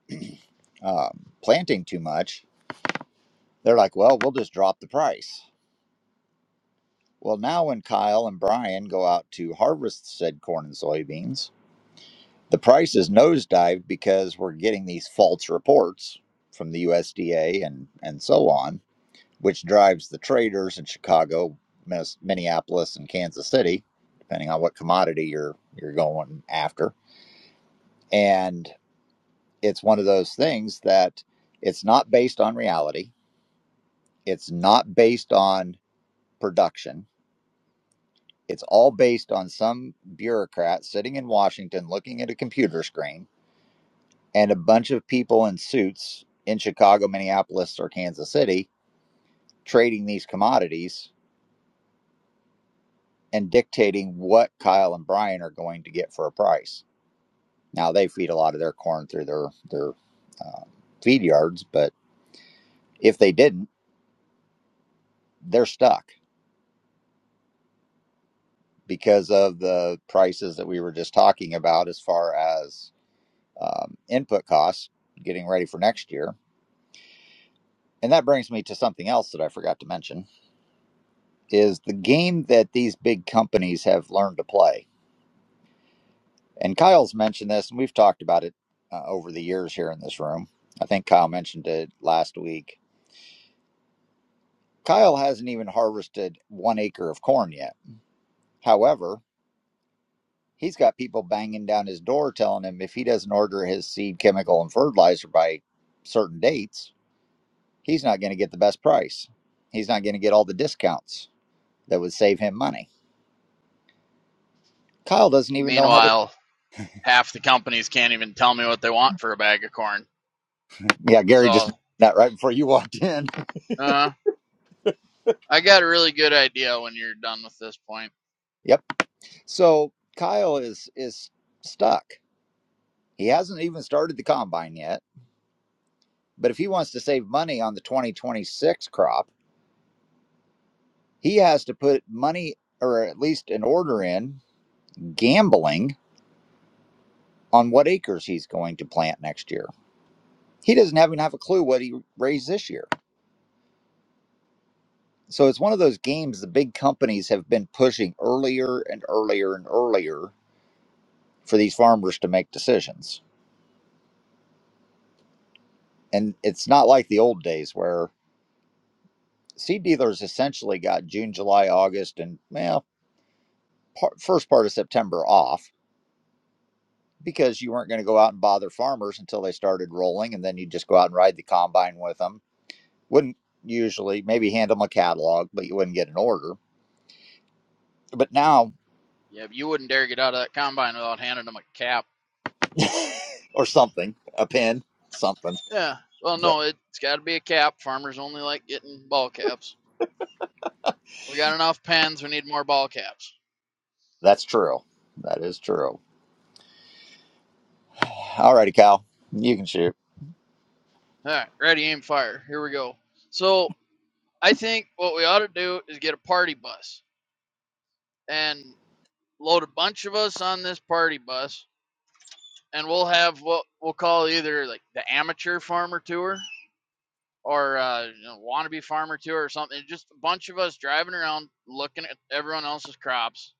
um, planting too much, they're like, well, we'll just drop the price Well, now when Kyle and Brian go out to harvest said corn and soybeans, the price is nosedived because we're getting these false reports from the USDA and, and so on, which drives the traders in Chicago, Minneapolis, and Kansas City, depending on what commodity you're you're going after. And it's one of those things that it's not based on reality. It's not based on production It's all based on some bureaucrat sitting in Washington looking at a computer screen and a bunch of people in suits in Chicago, Minneapolis, or Kansas City trading these commodities and dictating what Kyle and Brian are going to get for a price. Now, they feed a lot of their corn through their, their uh, feed yards, but if they didn't, they're stuck because of the prices that we were just talking about as far as um, input costs getting ready for next year And that brings me to something else that I forgot to mention is the game that these big companies have learned to play. And Kyle's mentioned this, and we've talked about it uh, over the years here in this room. I think Kyle mentioned it last week. Kyle hasn't even harvested one acre of corn yet. However, he's got people banging down his door telling him if he doesn't order his seed chemical and fertilizer by certain dates, he's not going to get the best price. He's not going to get all the discounts that would save him money. Kyle doesn't even know how to
Meanwhile, half the companies can't even tell me what they want for a bag of corn.
Yeah, Gary just
So,
mentioned that right before you walked in.
uh, I got a really good idea when you're done with this point.
Yep. So Kyle is is stuck. He hasn't even started the combine yet. But if he wants to save money on the 2026 crop, he has to put money or at least an order in gambling on what acres he's going to plant next year. He doesn't even have a clue what he raised this year. So it's one of those games the big companies have been pushing earlier and earlier and earlier for these farmers to make decisions and it's not like the old days where seed dealers essentially got June, July, August, and well, part, first part of September off because you weren't going to go out and bother farmers until they started rolling, and then you just go out and ride the combine with them. Wouldn't usually maybe hand them a catalog, but you wouldn't get an order. But now,
Yeah, you wouldn't dare get out of that combine without handing them a cap.
or something, a pin, something.
Yeah. Well,
That
no, it's got to be a cap. Farmers only like getting ball caps. We got enough pens. We need more ball caps.
that's true. That is true. All righty, Cal, you can shoot.
All right, ready, aim, fire. Here we go. So I think what we ought to do is get a party bus and load a bunch of us on this party bus and we'll have what we'll call either like the amateur farmer tour or uh, you know, wannabe farmer tour or something. Just a bunch of us driving around looking at everyone else's crops,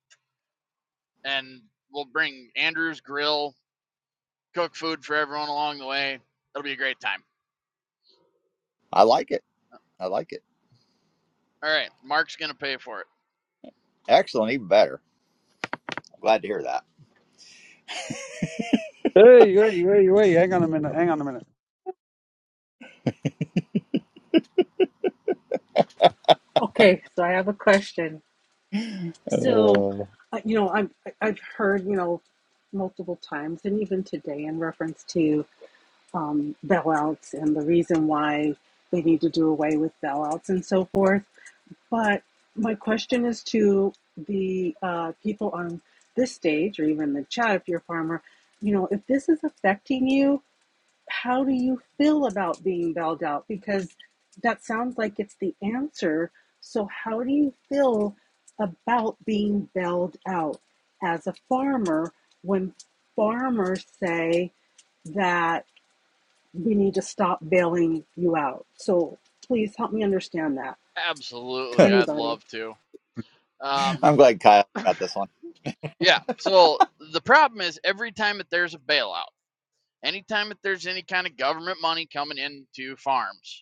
and we'll bring Andrew's grill, cook food for everyone along the way. It'll be a great time.
I like it. I like it.
All right, Mark's gonna pay for it.
Excellent, even better. Glad to hear that.
Hey, hey, hey, hey, hang on a minute, hang on a minute.
Okay, so I have a question. So, uh, you know, I've I've heard you know multiple times, and even today, in reference to um, bailouts and the reason why they need to do away with bailouts and so forth. But my question is to the uh, people on this stage, or even the chat, if you're a farmer. You know, if this is affecting you, how do you feel about being bailed out? Because that sounds like it's the answer. So, how do you feel about being bailed out as a farmer when farmers say that we need to stop bailing you out? So, please help me understand that.
Absolutely, I'd
Anybody?
love to. Um,
I'm glad Kyle got this one.
yeah. So the problem is every time that there's a bailout, anytime that there's any kind of government money coming into farms,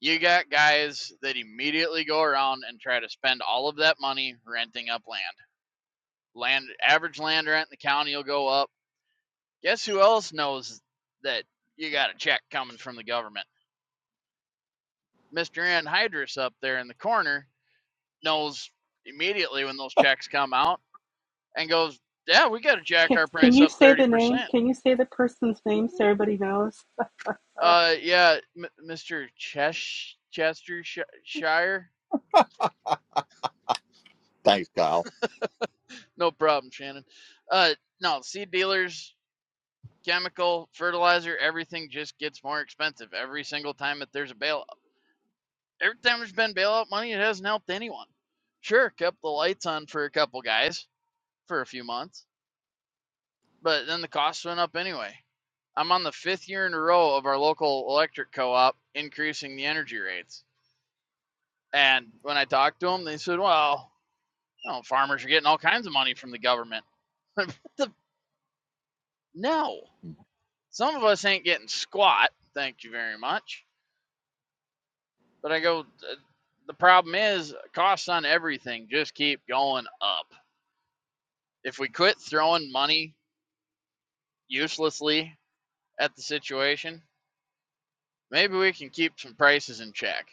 You got guys that immediately go around and try to spend all of that money renting up land. Land average land rent in the county will go up. Guess who else knows that you got a check coming from the government? Mr. Anhydrous up there in the corner knows immediately when those checks come out and goes, "Yeah, we got to jack
Can,
our
can
price
you
up
say
thirty
the name?
percent."
Can you say the person's name so everybody knows?
Uh, yeah, M- Mr. Chesh- Chester Shire.
Thanks, Kyle.
No problem, Shannon. Uh, no, seed dealers chemical, fertilizer, everything just gets more expensive every single time that there's a bailout. Every time there's been bailout money, it hasn't helped anyone. Sure, kept the lights on for a couple guys for a few months, but then the costs went up anyway. I'm on the fifth year in a row of our local electric co op increasing the energy rates. And when I talked to them, they said, well, you know, farmers are getting all kinds of money from the government. no, some of us ain't getting squat. Thank you very much But I go, "Uh, the problem is costs on everything just keep going up. If we quit throwing money uselessly at the situation, maybe we can keep some prices in check.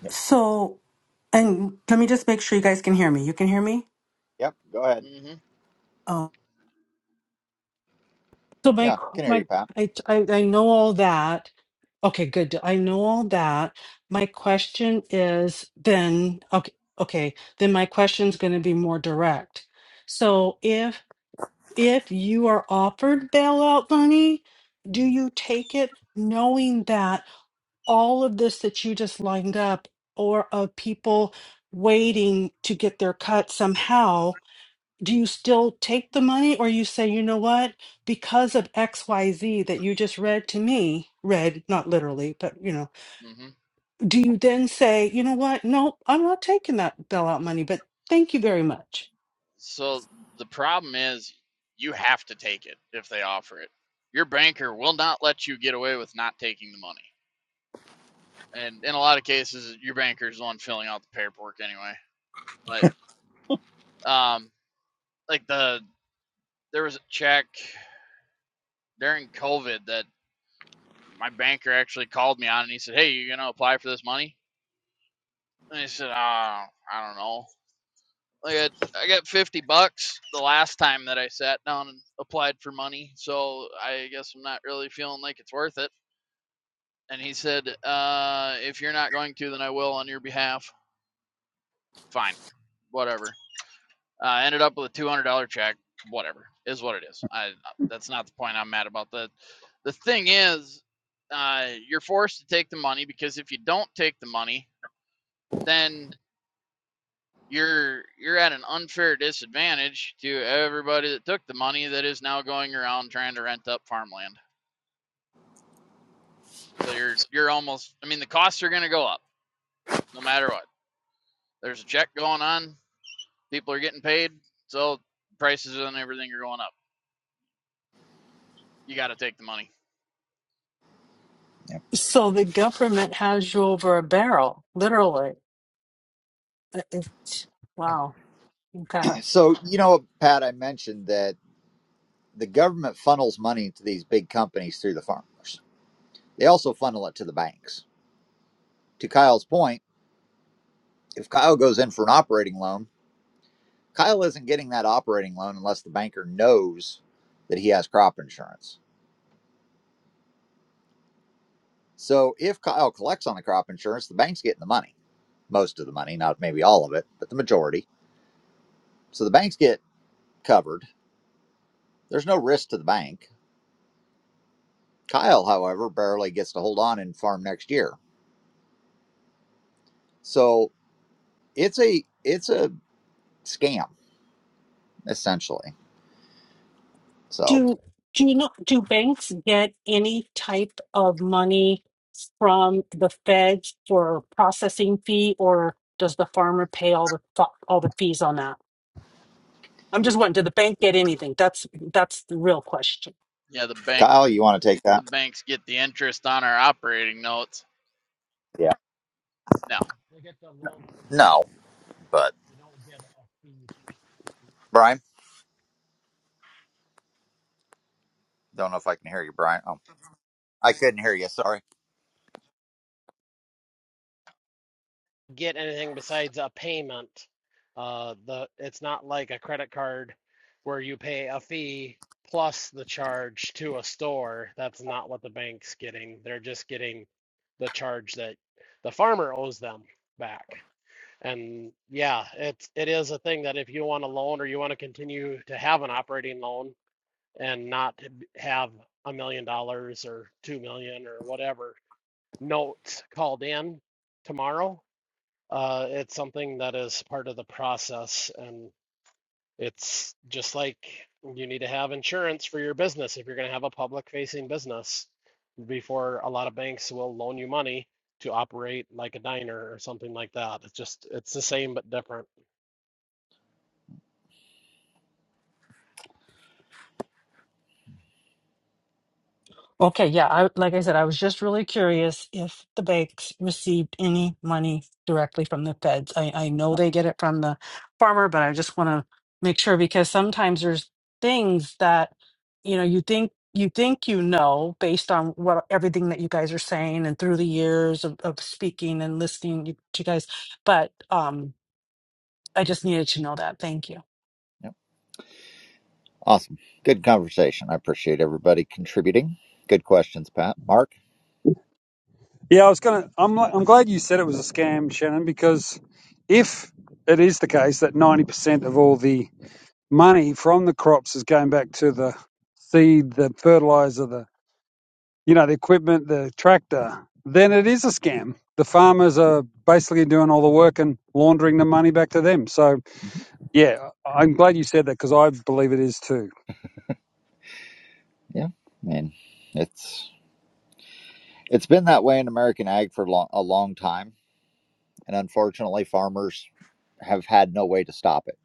Yep.
So, and let me just make sure you guys can hear me. You can hear me?
Yep. Go ahead.
hmm
So my
Yeah,
qu-
can hear
my
you, Pat.
I I, I know all that. Okay, good. I know all that. My question is then okay okay, then my question's going to be more direct. So if if you are offered bailout money, do you take it knowing that all of this that you just lined up or of people waiting to get their cut somehow? do you still take the money or you say, you know what, because of XYZ that you just read to me, read, not literally, but you know,
hmm
do you then say, you know what, no, I'm not taking that bailout money, but thank you very much?
So the problem is you have to take it if they offer it. Your banker will not let you get away with not taking the money. And in a lot of cases, your banker's the one filling out the paperwork anyway. But um, like the there was a check during COVID that my banker actually called me on and he said, "Hey, you gonna apply for this money?" And I said, "Ah, oh, I don't know. I got I got fifty bucks the last time that I sat down and applied for money, so I guess I'm not really feeling like it's worth it." And he said, uh, "If you're not going to, then I will on your behalf. Fine, whatever." I Uh, ended up with a two hundred dollar check. Whatever is what it is. I that's not the point I'm mad about. The the thing is, uh, you're forced to take the money because if you don't take the money, then you're you're at an unfair disadvantage to everybody that took the money that is now going around trying to rent up farmland. So you're you're almost I mean the costs are going to go up no matter what. There's a check going on, people are getting paid, so prices and everything are going up. You got to take the money.
Yeah.
So the government has you over a barrel, literally. It- it- Wow.
So you know, Pat, I mentioned that the government funnels money to these big companies through the farmers. They also funnel it to the banks. To Kyle's point, if Kyle goes in for an operating loan, Kyle isn't getting that operating loan unless the banker knows that he has crop insurance. So if Kyle collects on the crop insurance, the bank's getting the money, most of the money, not maybe all of it, but the majority. So the banks get covered There's no risk to the bank. Kyle, however, barely gets to hold on and farm next year. So it's a it's a scam essentially. So
Do do you know do banks get any type of money from the Fed for processing fee, or does the farmer pay all the fu- all the fees on that? I'm just wondering, did the bank get anything? That's that's the real question.
Yeah, the bank
Kyle, you want to take
the
that?
banks get the interest on our operating notes.
Yeah.
No,
They get the loan paid.
No, but
They don't get a fee.
Brian, don't know if I can hear you, Brian. Oh, I couldn't hear you. Sorry.
get anything besides a payment. Uh, the it's not like a credit card where you pay a fee plus the charge to a store. That's not what the bank's getting. They're just getting the charge that the farmer owes them back. And yeah, it's it is a thing that if you want a loan or you want to continue to have an operating loan and not have a million dollars or two million or whatever notes called in tomorrow, uh, it's something that is part of the process, and it's just like you need to have insurance for your business if you're going to have a public-facing business before a lot of banks will loan you money to operate like a diner or something like that. It's just it's the same but different.
Okay, yeah, I like I said, I was just really curious if the banks received any money directly from the feds. I, I know they get it from the farmer, but I just want to make sure because sometimes there's things that you know you think you think you know based on what everything that you guys are saying and through the years of, of speaking and listening to you guys. But um I just needed to know that. Thank you.
Yep. Awesome. Good conversation. I appreciate everybody contributing. Good questions, Pat. Mark.
Yeah, I was gonna. I'm like, I'm glad you said it was a scam, Shannon, because if it is the case that 90% of all the money from the crops is going back to the seed, the fertilizer, the you know the equipment, the tractor, then it is a scam. The farmers are basically doing all the work and laundering the money back to them. So yeah, I- I'm glad you said that because I believe it is too.
Yeah. I mean, it's it's been that way in American ag for lo- a long time And unfortunately, farmers have had no way to stop it.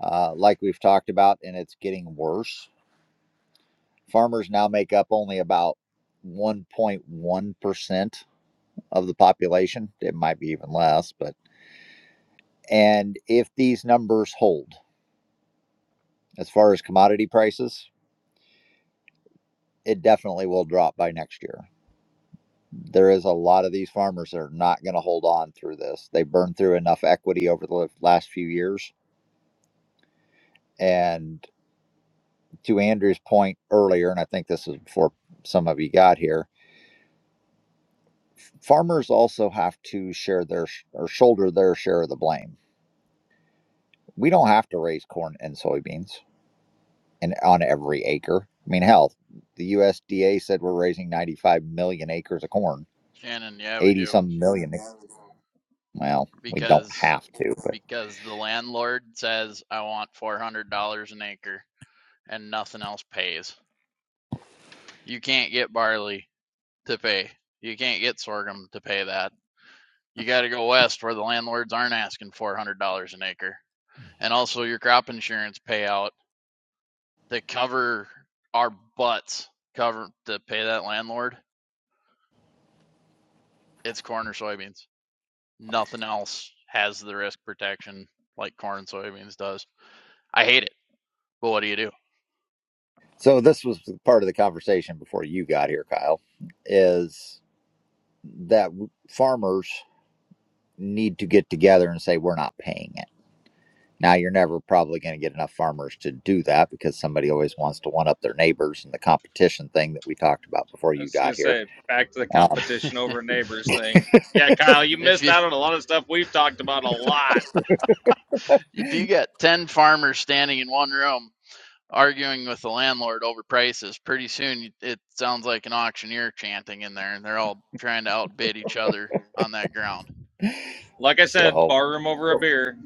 Uh, like we've talked about, and it's getting worse. Farmers now make up only about 1.1% of the population. It might be even less, but and if these numbers hold as far as commodity prices, it definitely will drop by next year. There is a lot of these farmers that are not going to hold on through this. They burned through enough equity over the last few years and to Andrew's point earlier, and I think this is before some of you got here, farmers also have to share their or shoulder their share of the blame. We don't have to raise corn and soybeans and on every acre. I mean, hell, the USDA said we're raising 95 million acres of corn,
Shannon, yeah, we
80
do
some million. Well, we don't
because
have to, but
because the landlord says I want four hundred dollars an acre. and nothing else pays. You can't get barley to pay. You can't get sorghum to pay that. You got to go west where the landlords aren't asking $400 an acre. And also your crop insurance payout to cover our butts, cover to pay that landlord, it's corn or soybeans. Nothing else has the risk protection like corn and soybeans does. I hate it. But what do you do?
so this was part of the conversation before you got here, Kyle, is that farmers need to get together and say we're not paying Now you're never probably going to get enough farmers to do that because somebody always wants to one up their neighbors and the competition thing that we talked about before
i
you
was going
got
to
here.
say back to the
Um,
competition over neighbors thing yeah kyle you
if
missed
you
out on a lot of stuff we've talked about a lot
if you got 10 farmers standing in one room arguing with the landlord over prices, pretty soon it sounds like an auctioneer chanting in there, and they're all trying to outbid each other on that ground.
like i said
so,
bar room over a beer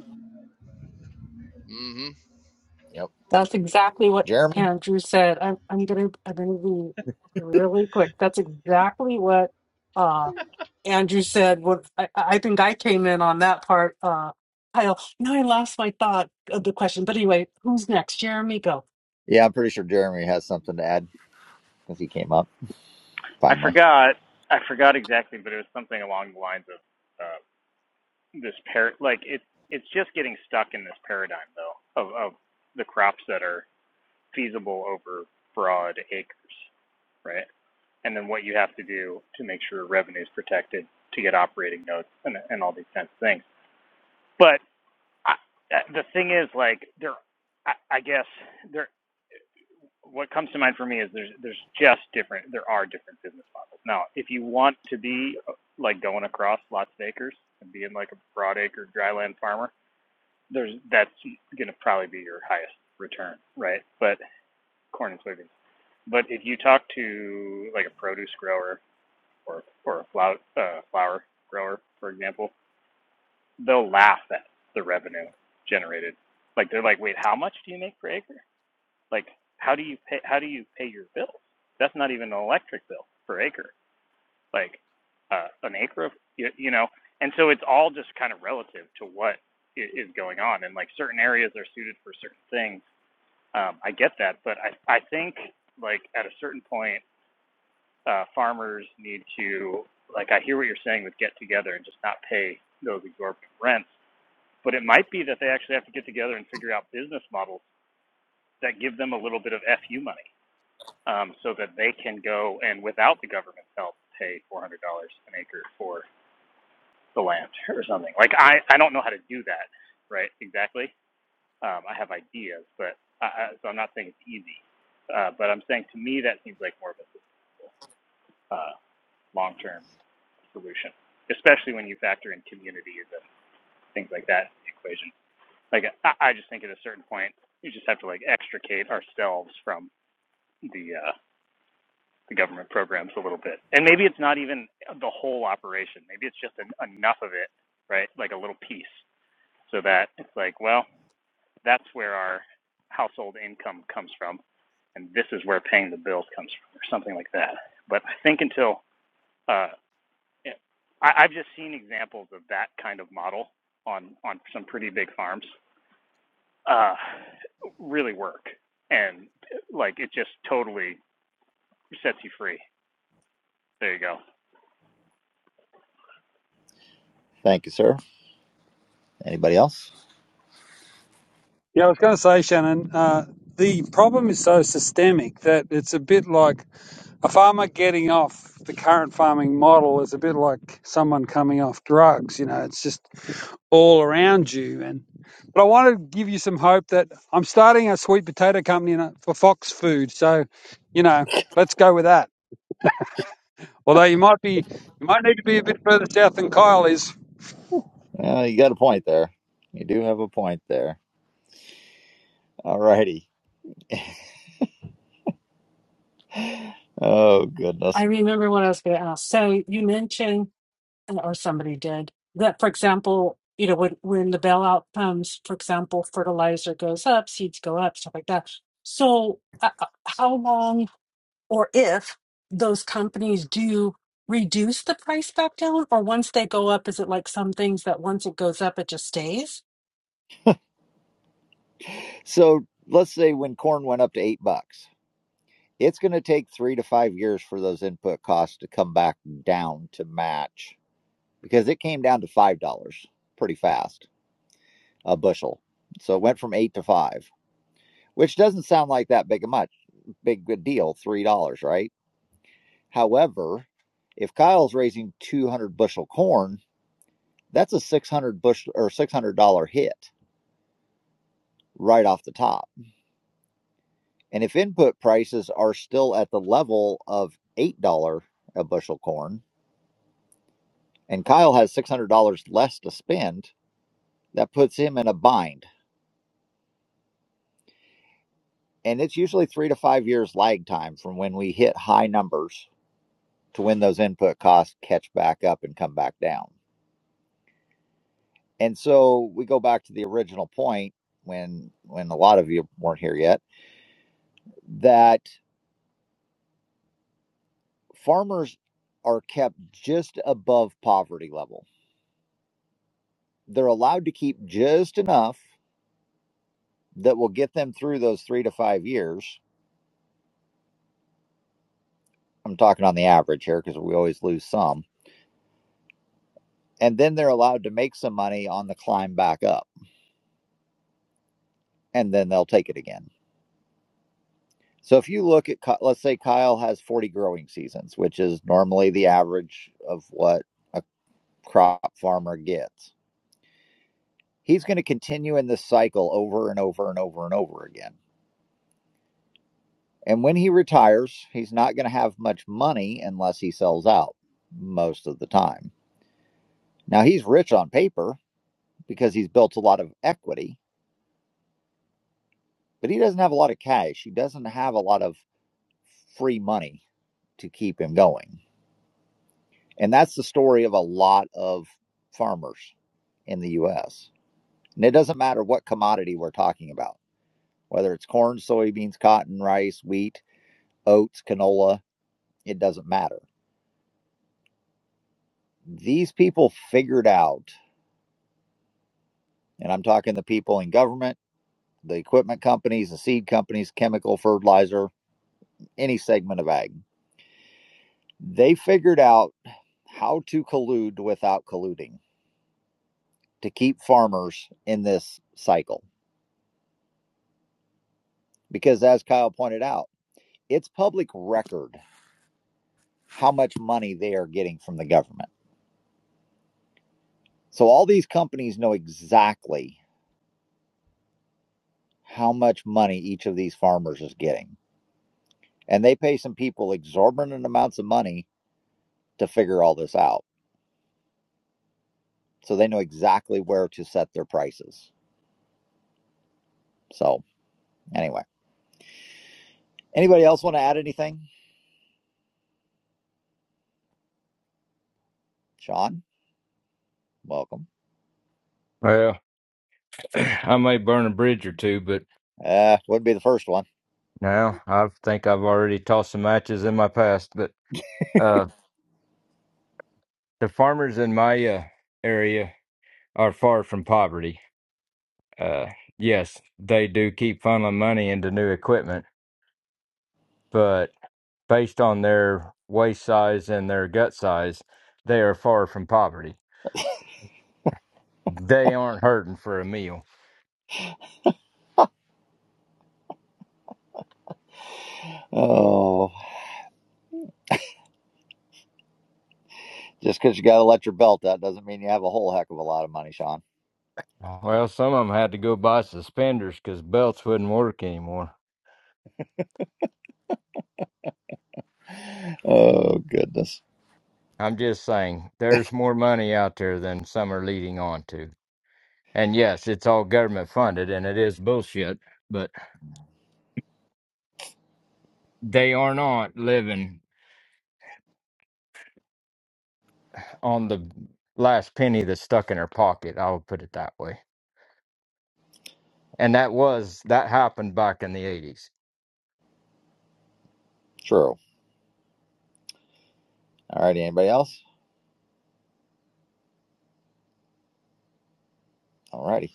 hmm
yep,
That's exactly what
Jeremy.
Andrew said. I'm I'm gonna I'm gonna be really quick. That's exactly what uh Andrew said. What I, I think I came in on that part, uh Kyle. Now I lost my thought of the question. But anyway, who's next? Jeremy, go.
Yeah, I'm pretty sure Jeremy has something to add because he came up
I
finally.
forgot. I forgot exactly, but it was something along the lines of uh, this par. Like it's it's just getting stuck in this paradigm though of of the crops that are feasible over broad acres, right? And then what you have to do to make sure revenue is protected to get operating notes and and all these kinds of things. But I, uh, the thing is, like there, I, I guess there. what comes to mind for me is there's there's just different there are different business models. Now, if you want to be uh, like going across lots of acres and being like a broad acre dryland farmer, there's that's going to probably be your highest return, right? But corn and soybeans. But if you talk to like a produce grower or or a flower uh, flower grower, for example, they'll laugh at the revenue generated. Like they're like, wait, how much do you make per acre? Like, how do you pay? How do you pay your bills? That's not even an electric bill per acre. Like, uh, an acre of you, you know. And so it's all just kind of relative to what is going on. And like certain areas are suited for certain things. Um, I get that, but I I think like at a certain point, uh, farmers need to like I hear what you're saying with get together and just not pay those exorbitant rents. But it might be that they actually have to get together and figure out business models that give them a little bit of FU money um, so that they can go and without the government's help pay four hundred dollars an acre for the land or something. Like I, I don't know how to do that, right? Exactly. Um, I have ideas, but I, so I'm not saying it's easy. Uh, but I'm saying to me that seems like more of a sustainable, uh, long-term solution, especially when you factor in communities and things like that in the equation. Like I, I just think at a certain point you just have to like extricate ourselves from the uh, the government programs a little bit. And maybe it's not even the whole operation. Maybe it's just an, enough of it, right? Like a little piece, so that it's like, well, that's where our household income comes from, and this is where paying the bills comes from, or something like that. But I think until uh, yeah, I, I've just seen examples of that kind of model on on some pretty big farms uh, really work, and like it just totally sets you free. There you go.
Thank you, sir. Anybody else?
Yeah, I was going to say, Shannon, uh, the problem is so systemic that it's a bit like A farmer getting off the current farming model is a bit like someone coming off drugs. You know, it's just all around you. And but I want to give you some hope that I'm starting a sweet potato company in a- for Fox Food. So, you know, let's go with that. Although you might be, you might need to be a bit further south than Kyle is.
Uh, you got a point there. You do have a point there. All righty. Oh
I
goodness.
remember what I was gonna ask. So you mentioned uh, or somebody did that for example, you know, when when the bailout comes, for example, fertilizer goes up, seeds go up, stuff like that. So uh, uh, how long or if those companies do reduce the price back down, or once they go up, is it like some things that once it goes up, it just stays?
So let's say when corn went up to eight bucks, it's going to take three to five years for those input costs to come back down to match because it came down to five dollars pretty fast a bushel. So it went from eight to five, which doesn't sound like that big a much big good deal, three dollars, right? However, if Kyle's raising two hundred bushel corn, that's a six hundred bushel or six hundred dollar hit right off the top. And if input prices are still at the level of eight dollar a bushel corn, and Kyle has six hundred dollars less to spend, that puts him in a bind and it's usually three to five years lag time from when we hit high numbers to when those input costs catch back up and come back down. And so we go back to the original point when when a lot of you weren't here yet that farmers are kept just above poverty level. They're allowed to keep just enough that will get them through those 3 to 5 years. I'm talking on the average here because we always lose some. And then they're allowed to make some money on the climb back up and then they'll take it again So if you look at, let's say Kyle has 40 growing seasons, which is normally the average of what a crop farmer gets, he's going to continue in this cycle over and over and over and over again. And when he retires, he's not going to have much money unless he sells out most of the time. Now he's rich on paper because he's built a lot of equity, but he doesn't have a lot of cash. He doesn't have a lot of free money to keep him going And that's the story of a lot of farmers in the US. And it doesn't matter what commodity we're talking about, whether it's corn, soybeans, cotton, rice, wheat, oats, canola, it doesn't matter. These people figured out, and I'm talking the people in government, the equipment companies, the seed companies, chemical, fertilizer, any segment of ag, they figured out how to collude without colluding to keep farmers in this cycle. Because as Kyle pointed out, it's public record how much money they are getting from the government. So all these companies know exactly how much money each of these farmers is getting. And they pay some people exorbitant amounts of money to figure all this out. So they know exactly where to set their prices. So anyway, anybody else want to add anything? Sean, welcome.
Well, I may burn a bridge or two, but
Uh, wouldn't be the first one.
now I think I've already tossed some matches in my past. But uh, the farmers in my uh, area are far from poverty. Uh, yes, they do keep funneling money into new equipment, but based on their waist size and their gut size, they are far from poverty. They aren't hurting for a meal.
Oh, just because you got to let your belt out doesn't mean you have a whole heck of a lot of money, Sean.
Well, some of them had to go buy suspenders because belts wouldn't work anymore.
Oh, goodness.
I'm just saying there's more money out there than some are leading on to. And yes, it's all government funded and it is bullshit, but they are not living on the last penny that's stuck in their pocket. I'll put it that way. And that was, that happened back in the 80s.
True. All right, anybody else? Alrighty.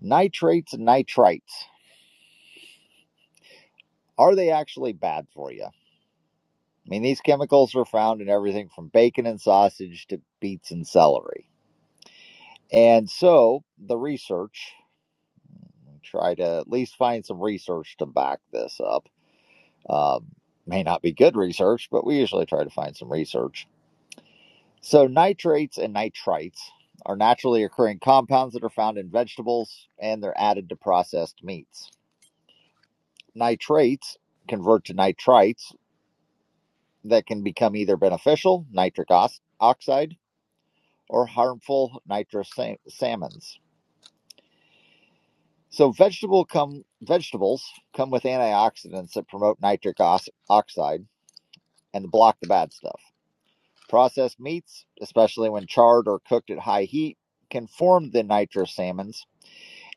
Nitrates and nitrites. Are they actually bad for you? I mean, these chemicals are found in everything from bacon and sausage to beets and celery. And so the research, try to at least find some research to back this up. Um, may not be good research, but we usually try to find some research. So nitrates and nitrites are naturally occurring compounds that are found in vegetables and they're added to processed meats. Nitrates convert to nitrites that can become either beneficial, nitric oxide, or harmful, nitrous salmons. So vegetable come vegetables come with antioxidants that promote nitric oxide and block the bad stuff. Processed meats, especially when charred or cooked at high heat, can form the nitrous salmons,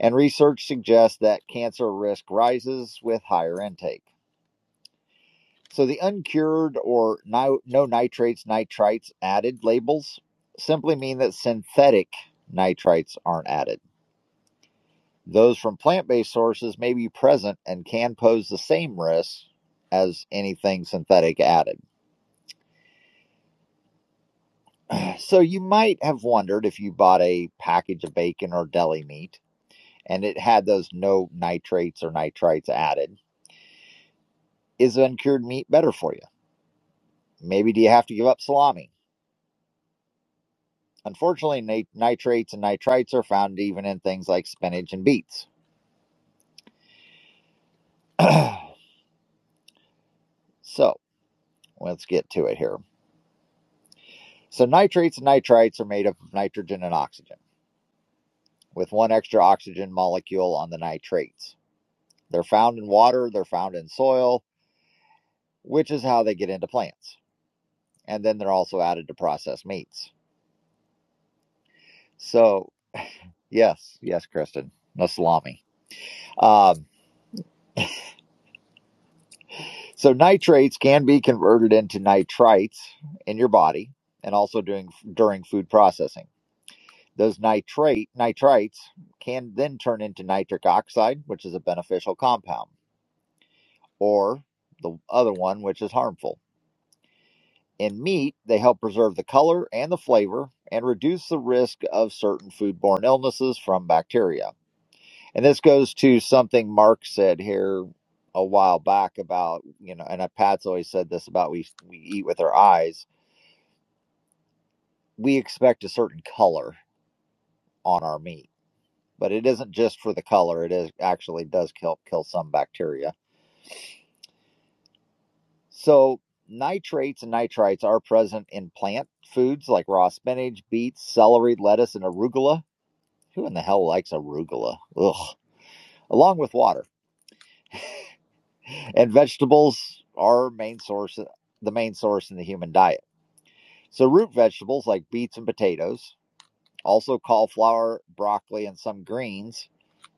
and research suggests that cancer risk rises with higher intake. So the uncured or no, no nitrates, nitrites added labels simply mean that synthetic nitrites aren't added. Those from plant based sources may be present and can pose the same risks as anything synthetic added. So you might have wondered if you bought a package of bacon or deli meat and it had those no nitrates or nitrites added, is uncured meat better for you? Maybe do you have to give up salami? Unfortunately, nat- nitrates and nitrites are found even in things like spinach and beets. so, let's get to it here. So, nitrates and nitrites are made up of nitrogen and oxygen, with one extra oxygen molecule on the nitrates. They're found in water, they're found in soil, which is how they get into plants. And then they're also added to processed meats. So, yes, yes, Kristen, no salami. Um, So nitrates can be converted into nitrites in your body and also during during food processing. Those nitrate nitrites can then turn into nitric oxide, which is a beneficial compound, or the other one which is harmful. In meat, they help preserve the color and the flavor and reduce the risk of certain foodborne illnesses from bacteria. And this goes to something Mark said here a while back about, you know, and Pat's always said this about we we eat with our eyes we expect a certain color on our meat, but it isn't just for the color. It is actually does kill kill some bacteria. So nitrates and nitrites are present in plant foods like raw spinach, beets, celery, lettuce, and arugula. Who in the hell likes arugula? Ugh. Along with water and vegetables are main source the main source in the human diet. So root vegetables like beets and potatoes Also, cauliflower, broccoli, and some greens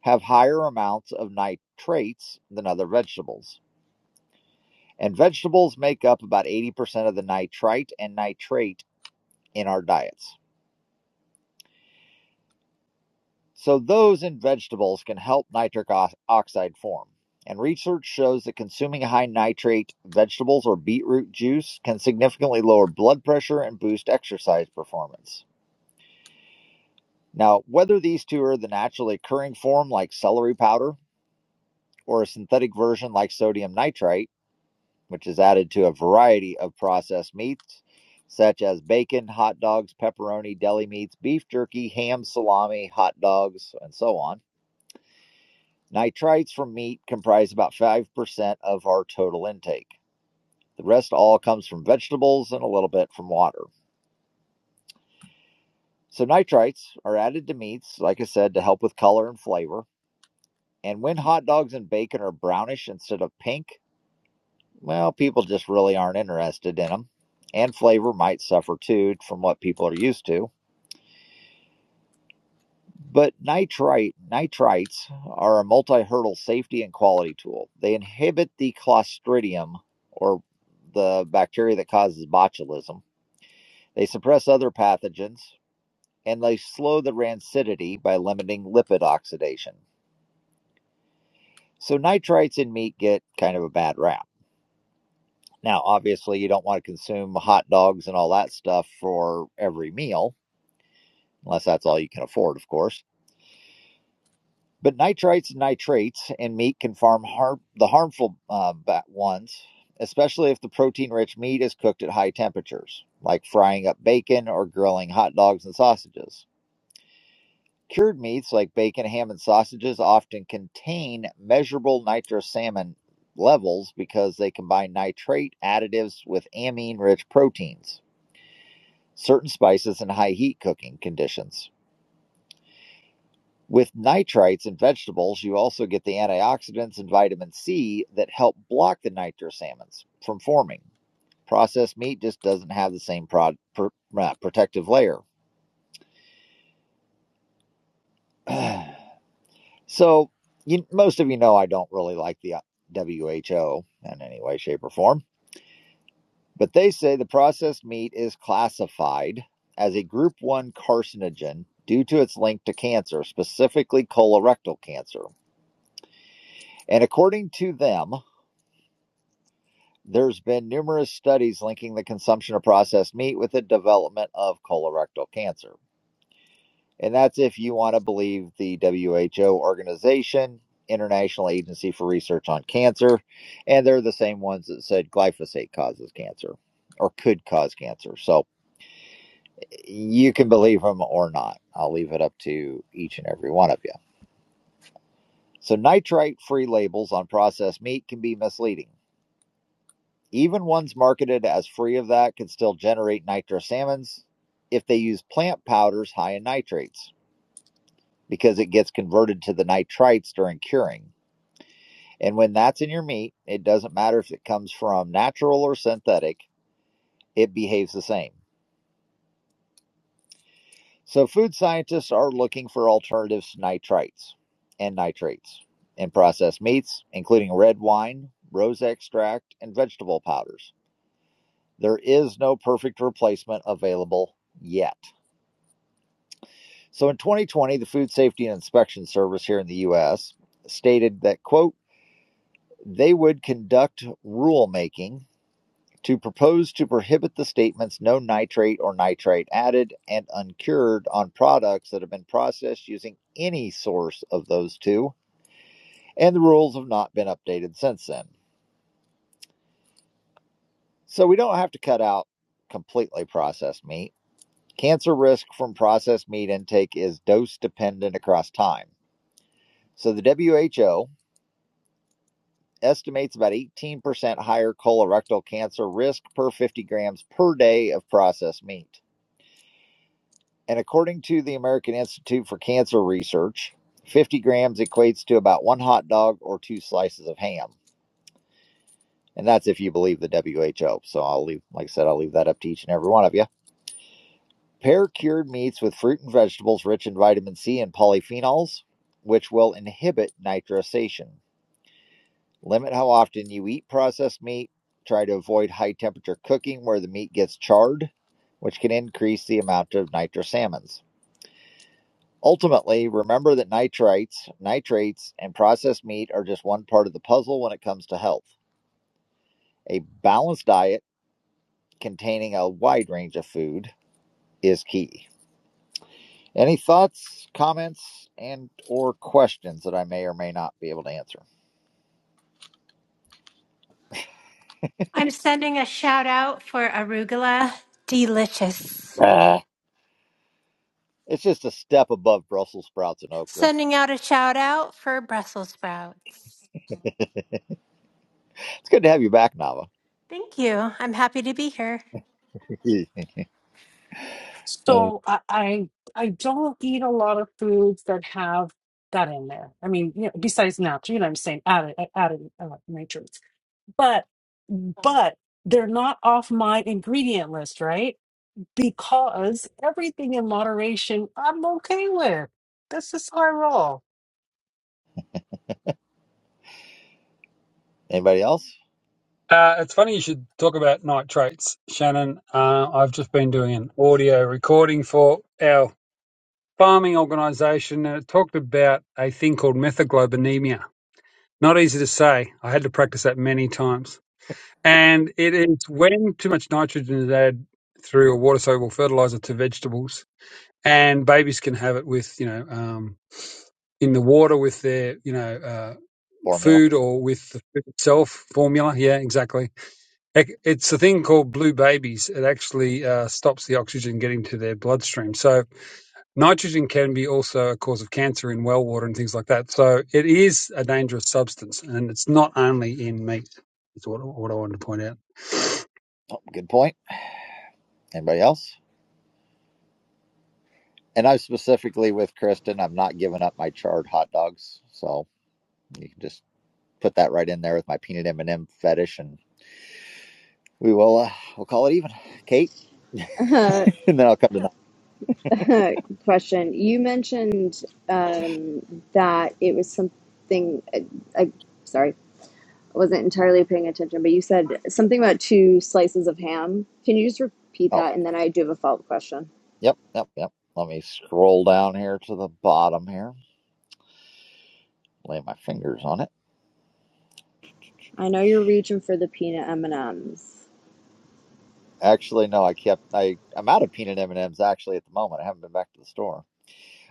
have higher amounts of nitrates than other vegetables. And vegetables make up about 80% of the nitrite and nitrate in our diets. So, those in vegetables can help nitric oxide form. And research shows that consuming high nitrate vegetables or beetroot juice can significantly lower blood pressure and boost exercise performance. Now, whether these two are the naturally occurring form like celery powder or a synthetic version like sodium nitrite, which is added to a variety of processed meats such as bacon, hot dogs, pepperoni, deli meats, beef jerky, ham, salami, hot dogs, and so on. Nitrites from meat comprise about 5% of our total intake. The rest all comes from vegetables and a little bit from water. So, nitrites are added to meats, like I said, to help with color and flavor. And when hot dogs and bacon are brownish instead of pink, Well, people just really aren't interested in them. And flavor might suffer too from what people are used to. But nitrite nitrites are a multi-hurdle safety and quality tool. They inhibit the clostridium or the bacteria that causes botulism. They suppress other pathogens and they slow the rancidity by limiting lipid oxidation. So nitrites in meat get kind of a bad rap. Now, obviously, you don't want to consume hot dogs and all that stuff for every meal, unless that's all you can afford, of course. But nitrites and nitrates in meat can farm harm, the harmful uh, ones, especially if the protein rich meat is cooked at high temperatures, like frying up bacon or grilling hot dogs and sausages. Cured meats like bacon, ham, and sausages often contain measurable nitrosamine levels because they combine nitrate additives with amine rich proteins, certain spices, and high heat cooking conditions. With nitrites in vegetables, you also get the antioxidants and vitamin C that help block the nitrous amines from forming. Processed meat just doesn't have the same prod, pr uh, protective layer. so, you, most of you know I don't really like the uh, WHO in any way, shape, or form, but they say the processed meat is classified as a group 1 carcinogen due to its link to cancer, specifically colorectal cancer. And according to them, There's been numerous studies linking the consumption of processed meat with the development of colorectal cancer. And that's if you want to believe the WHO organization, International Agency for Research on Cancer, and they're the same ones that said glyphosate causes cancer or could cause cancer. So you can believe them or not. I'll leave it up to each and every one of you. So nitrite free labels on processed meat can be misleading. Even ones marketed as free of that could still generate nitrosamines if they use plant powders high in nitrates because it gets converted to the nitrites during curing. And when that's in your meat, it doesn't matter if it comes from natural or synthetic, it behaves the same. So, food scientists are looking for alternatives to nitrites and nitrates in processed meats, including red wine, rose extract, and vegetable powders. There is no perfect replacement available yet. So in 2020, the Food Safety and Inspection Service here in the US stated that, quote, they would conduct rulemaking to propose to prohibit the statements no nitrate or nitrite added and uncured on products that have been processed using any source of those two, and the rules have not been updated since then. So we don't have to cut out completely processed meat. Cancer risk from processed meat intake is dose dependent across time. So the WHO estimates about 18% higher colorectal cancer risk per 50 grams per day of processed meat. And according to the American Institute for Cancer Research, 50 grams equates to about one hot dog or two slices of ham. And that's if you believe the WHO. So I'll leave, like I said, I'll leave that up to each and every one of you. Pair cured meats with fruit and vegetables rich in vitamin C and polyphenols, which will inhibit nitrosation. Limit how often you eat processed meat. Try to avoid high temperature cooking where the meat gets charred, which can increase the amount of nitrosamines. Ultimately, remember that nitrites, nitrates, and processed meat are just one part of the puzzle when it comes to health. A balanced diet containing a wide range of food is key. Any thoughts, comments, and or questions that I may or may not be able to answer?
I'm sending a shout out for arugula, delicious.
It's just a step above Brussels sprouts and okra.
Sending out a shout out for Brussels sprouts.
It's good to have you back, Nava.
Thank you. I'm happy to be here.
Yeah. Uh,
So I, I I don't eat a lot of foods that have that in there. I mean, you know, besides natural, you know what I'm saying, added added uh, nitrates. But but they're not off my ingredient list, right? Because everything in moderation, I'm okay with. This is how I roll.
anybody else?
Uh, it's funny you should talk about nitrates, Shannon. Uh, I've just been doing an audio recording for our farming organisation, and it talked about a thing called methaglobinemia Not easy to say. I had to practice that many times. And it is when too much nitrogen is added through a water soluble fertilizer to vegetables, and babies can have it with, you know, um, in the water with their, you know, uh,
Formula.
food or with the food itself formula. Yeah, exactly. Ec- It's a thing called blue babies. It actually uh, stops the oxygen getting to their bloodstream. So Nitrogen can be also a cause of cancer in well water and things like that. So it is a dangerous substance, and it's not only in meat. That's what, what I wanted to point out.
Oh, Good point. Anybody else? And I am specifically with Kristen, I'm not giving up my charred hot dogs. So you can just put that right in there with my peanut M and M fetish, and we will uh, we'll call it even, Kate.
Uh,
And then I'll come to.
question. You mentioned um, that it was something. I, I sorry, I wasn't entirely paying attention, but you said something about two slices of ham. Can you just repeat
Oh,
that? And then I do have a follow-up question.
yep, yep, yep. Let me scroll down here to the bottom here. Lay my fingers on it.
I know you're reaching for the peanut M and M's.
Actually, no, I kept. I I'm out of peanut M and M's actually at the moment. I haven't been back to the store.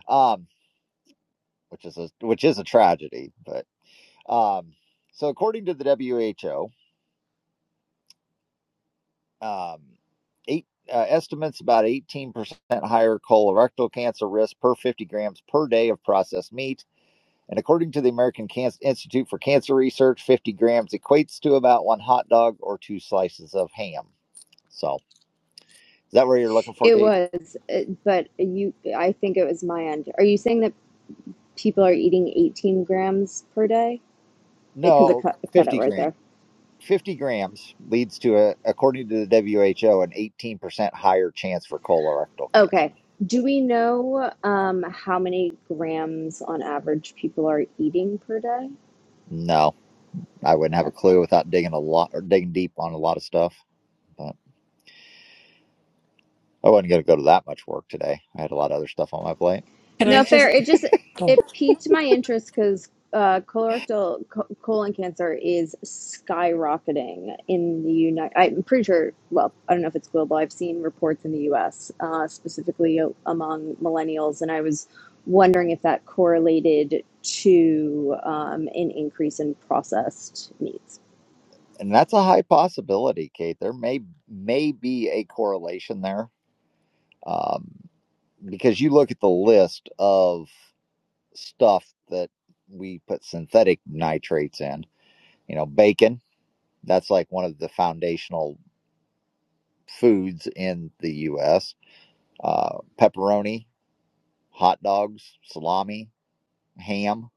Um. which is a which is a tragedy. But um, so according to the WHO, um, eight uh, estimates about eighteen percent higher colorectal cancer risk per fifty grams per day of processed meat. And according to the American Cancer Institute for Cancer Research, 50 grams equates to about one hot dog or two slices of ham. So, is that where you're looking for,
It
Kate?
was, uh, but you. I think it was my end. Are you saying that people are eating 18 grams per day? Because it, 'cause it
No,
cut it cut out
50
right
grams.
there.
50 grams leads to, a, according to the WHO, an 18% higher chance for colorectal cancer.
Okay. Do we know um, how many grams on average people are eating per day?
No, I wouldn't have
Okay.
a clue without digging a lot or digging deep on a lot of stuff. But I wasn't going to go to that much work today. I had a lot of other stuff on my plate.
Can I
No, fair.
just
It just
oh,
it piqued my interest because uh, colorectal co- colon cancer is skyrocketing in the United. I'm pretty sure. Well, I don't know if it's global. I've seen reports in the U.S. Uh, specifically o- among millennials, and I was wondering if that correlated to um, an increase in processed meats.
and that's a high possibility, Kate. There may may be a correlation there um, because you look at the list of stuff that we put synthetic nitrates in. You know, bacon. That's like one of the foundational foods in the U.S. Uh, pepperoni, hot dogs, salami, ham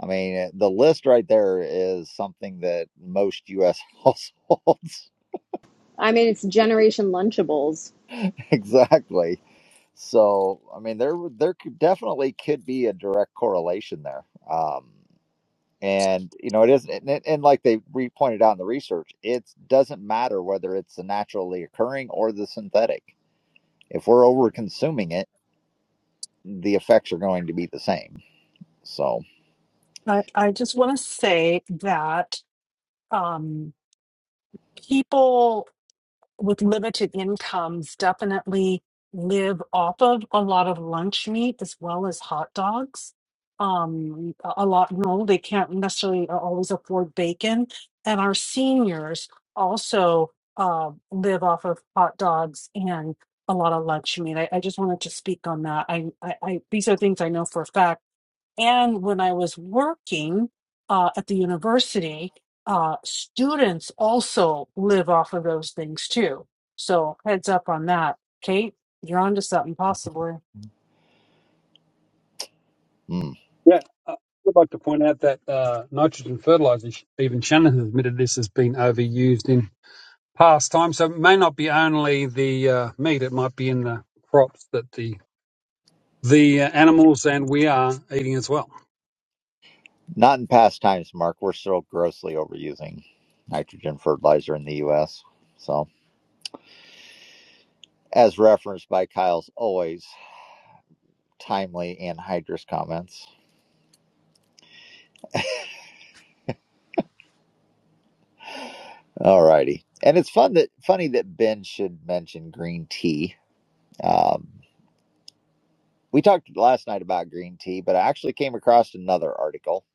I mean, eh, the list right there is something that most U.S. households
I mean, it's Generation Lunchables.
exactly. So, I mean, there there could definitely could be a direct correlation there. Um, and you know, it is, and, and like they re pointed out in the research, it doesn't matter whether it's the naturally occurring or the synthetic. If we're over consuming it, the effects are going to be the same. So.
I I just want to say that um people. with limited incomes definitely live off of a lot of lunch meat as well as hot dogs. Um, a a lot, no, they can't necessarily uh, always afford bacon. And our seniors also uh, live off of hot dogs and a lot of lunch meat. I, I just wanted to speak on that. I, I, I, these are things I know for a fact and when I was working uh, at the university, uh, students also live off of those things too. So heads up on that. Kate, you're onto something possibly.
hmm.
Yeah, I would like to point out that uh, nitrogen fertiliser. even Shannon has admitted this has been overused in past times. So it may not be only the uh, meat; it might be in the crops that the the uh, animals and we are eating as well.
Not in past times, Mark. We're still grossly overusing nitrogen fertilizer in the U.S. So, as referenced by Kyle's always timely anhydrous comments. All righty, and it's fun that funny that Ben should mention green tea. Um, we talked last night about green tea, but I actually came across another article.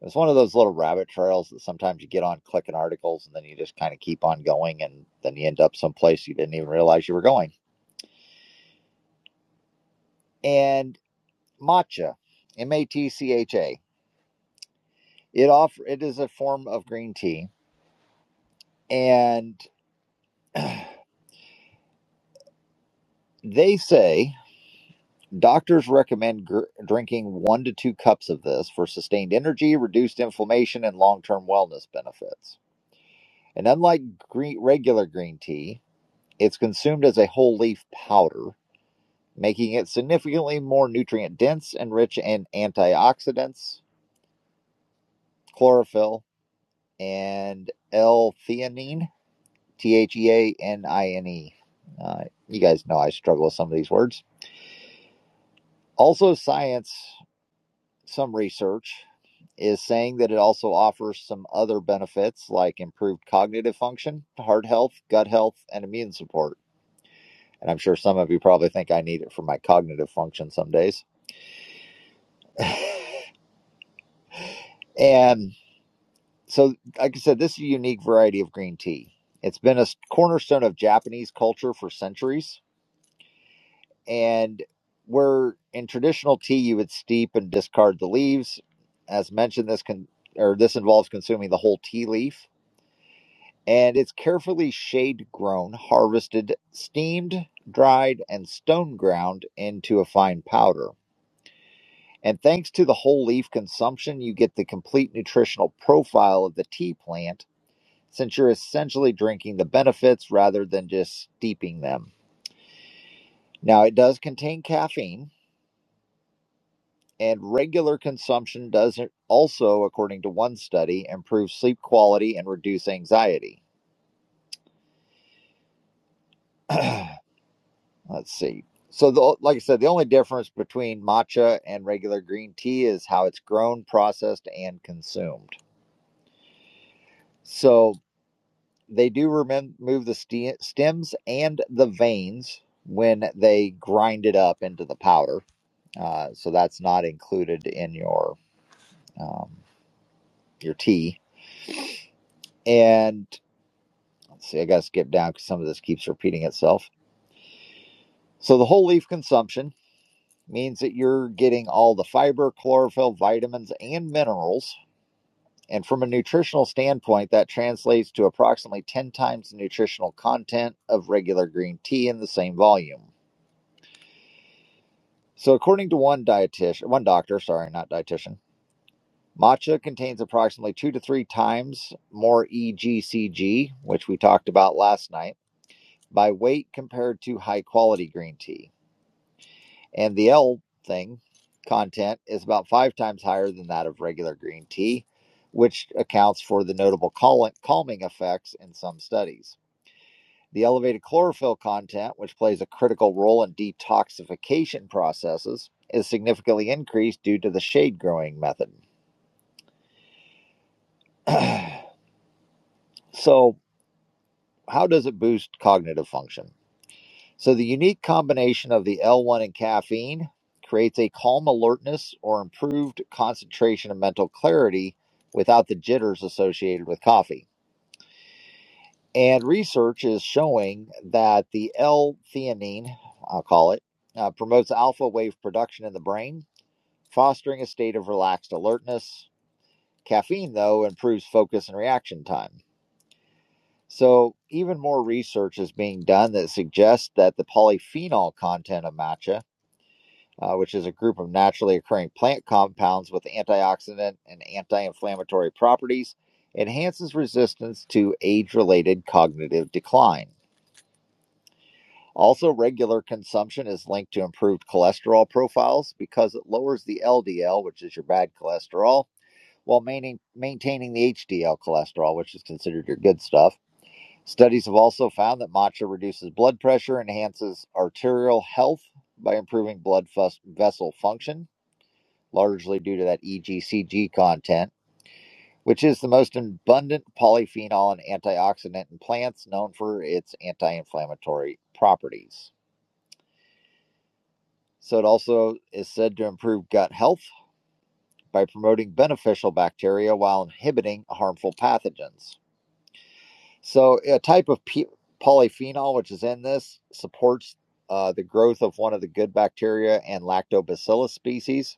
It's one of those little rabbit trails that sometimes you get on clicking articles, and then you just kind of keep on going, and then you end up someplace you didn't even realize you were going. and. matcha, M A T C H A. It offer it is a form of green tea, and they say doctors recommend gr- drinking one to two cups of this for sustained energy, reduced inflammation, and long term wellness benefits. And unlike green, regular green tea, it's consumed as a whole leaf powder, making it significantly more nutrient dense and rich in antioxidants, chlorophyll, and L theanine T H E A N I N E. Uh, You guys know I struggle with some of these words. Also, science, some research is saying that it also offers some other benefits like improved cognitive function, heart health, gut health, and immune support. And I'm sure some of you probably think I need it for my cognitive function some days. And so, like I said, this is a unique variety of green tea. It's been a cornerstone of Japanese culture for centuries And where in traditional tea you would steep and discard the leaves, as mentioned, this can or this involves consuming the whole tea leaf. And it's carefully shade grown, harvested, steamed, dried, and stone ground into a fine powder. And thanks to the whole leaf consumption, you get the complete nutritional profile of the tea plant since you're essentially drinking the benefits rather than just steeping them. Now, it does contain caffeine, And regular consumption does also, according to one study, improve sleep quality and reduce anxiety. Let's see. So, the, like I said, the only difference between matcha and regular green tea is how it's grown, processed, and consumed. So, they do remove the ste- stems and the veins when they grind it up into the powder. Uh, so, that's not included in your um, your tea. And Let's See, I got to skip down because some of this keeps repeating itself. So, the whole leaf consumption means that you're getting all the fiber, chlorophyll, vitamins, and minerals. And from a nutritional standpoint, that translates to approximately 10 times the nutritional content of regular green tea in the same volume. So, according to one dietitian, one doctor, sorry, not dietitian, matcha contains approximately two to three times more EGCG, which we talked about last night, by weight compared to high quality green tea. And the L thing content is about five times higher than that of regular green tea, which accounts for the notable calming effects in some studies. The elevated chlorophyll content, which plays a critical role in detoxification processes, is significantly increased due to the shade growing method. so, how does it boost cognitive function? So, the unique combination of the L1 and caffeine creates a calm alertness or improved concentration and mental clarity without the jitters associated with coffee. And research is showing that the L theanine, I'll call it, uh, promotes alpha wave production in the brain, fostering a state of relaxed alertness. Caffeine, though, improves focus and reaction time. So, even more research is being done that suggests that the polyphenol content of matcha uh, which is a group of naturally occurring plant compounds with antioxidant and anti inflammatory properties, enhances resistance to age related cognitive decline. Also, regular consumption is linked to improved cholesterol profiles because it lowers the LDL, which is your bad cholesterol, while maintaining, the HDL cholesterol, which is considered your good stuff. Studies have also found that matcha reduces blood pressure, enhances arterial health by improving blood vessel function, largely due to that EGCG content, which is the most abundant polyphenol and antioxidant in plants, known for its anti inflammatory properties. So, it also is said to improve gut health by promoting beneficial bacteria while inhibiting harmful pathogens. So, a type of polyphenol, which is in this, supports uh, the growth of one of the good bacteria and lactobacillus species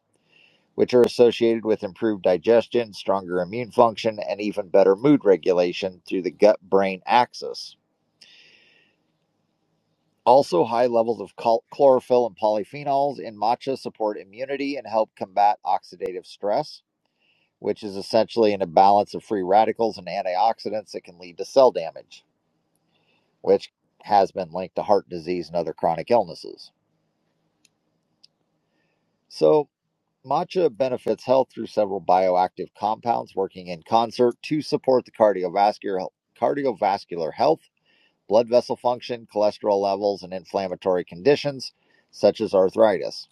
which are associated with improved digestion, stronger immune function, and even better mood regulation through the gut brain axis. Also, high levels of chlorophyll and polyphenols in matcha support immunity and help combat oxidative stress, which is essentially an imbalance of free radicals and antioxidants that can lead to cell damage, which has been linked to heart disease and other chronic illnesses. So, Matcha benefits health through several bioactive compounds working in concert to support the cardiovascular cardiovascular health, blood vessel function, cholesterol levels, and inflammatory conditions such as arthritis.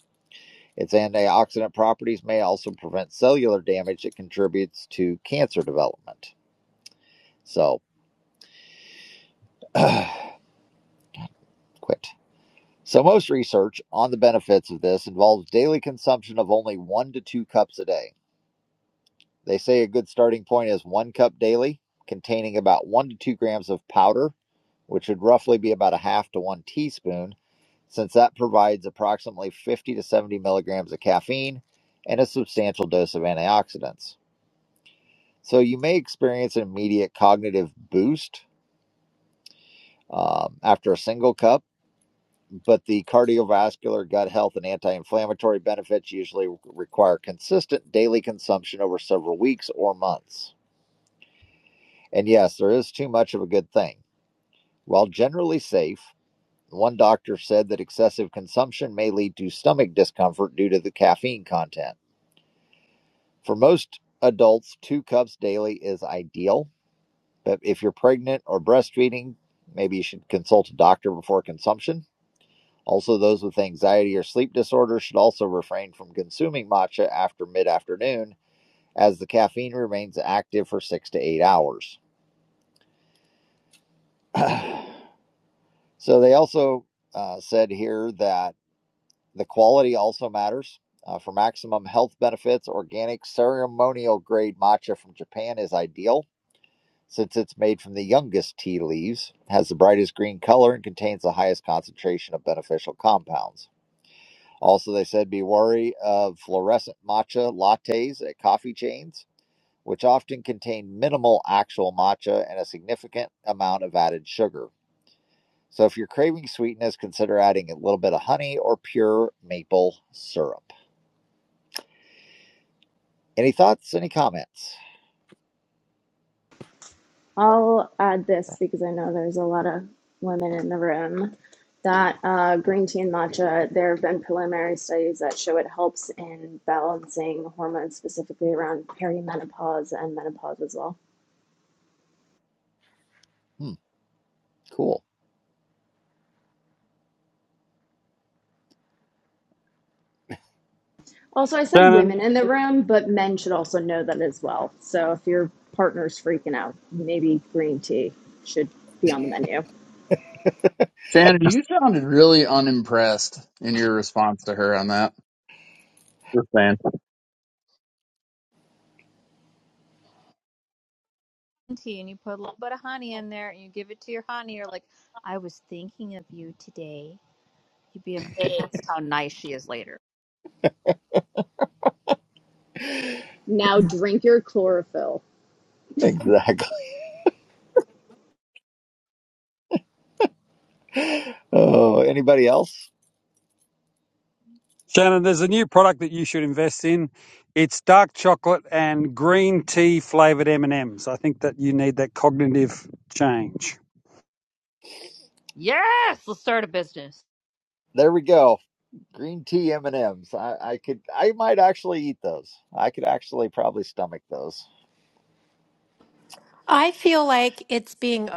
Its antioxidant properties may also prevent cellular damage that contributes to cancer development. So, quit. So, most research on the benefits of this involves daily consumption of only one to two cups a day. They say a good starting point is one cup daily, containing about one to two grams of powder, which would roughly be about a half to one teaspoon, since that provides approximately 50 to 70 milligrams of caffeine and a substantial dose of antioxidants. So you may experience an immediate cognitive boost um, after a single cup, but the cardiovascular, gut health, and anti inflammatory benefits usually require consistent daily consumption over several weeks or months. And yes, there is too much of a good thing. While generally safe, one doctor said that excessive consumption may lead to stomach discomfort due to the caffeine content. For most adults, two cups daily is ideal, but if you're pregnant or breastfeeding, maybe you should consult a doctor before consumption. Also, those with anxiety or sleep disorders should also refrain from consuming matcha after mid afternoon, as the caffeine remains active for six to eight hours. So they also uh, said here that the quality also matters. Uh, for maximum health benefits, organic ceremonial grade matcha from Japan is ideal since it's made from the youngest tea leaves, has the brightest green color, and contains the highest concentration of beneficial compounds. Also, they said be wary of fluorescent matcha lattes at coffee chains, which often contain minimal actual matcha and a significant amount of added sugar. So if you're craving sweetness, consider adding a little bit of honey or pure maple syrup. Any thoughts? Any comments?
I'll add this because I know there's a lot of women in the room that uh, green tea and matcha, there have been preliminary studies that show it helps in balancing hormones, specifically around perimenopause and menopause as well.
Hmm, cool.
Also, I said
Shannon.
women in the room, but men should also know that as well. So if your partner's freaking out, maybe green tea should be on the menu.
Shannon, you sounded really unimpressed in your response to her on that. Just saying.
tea and you put a little bit of honey in there and you give it to your honey. You're like, I was thinking of you today. You'd be amazed how nice she is later.
Now drink your chlorophyll.
Exactly. Oh, anybody else?
Shannon, there's a new product that you should invest in. It's dark chocolate and green tea flavored M&Ms. I think that you need that cognitive change.
Yes, let's start a business.
There we go. Green tea M and M's. I, I could. I might actually eat those. I could actually probably stomach those.
I feel like it's being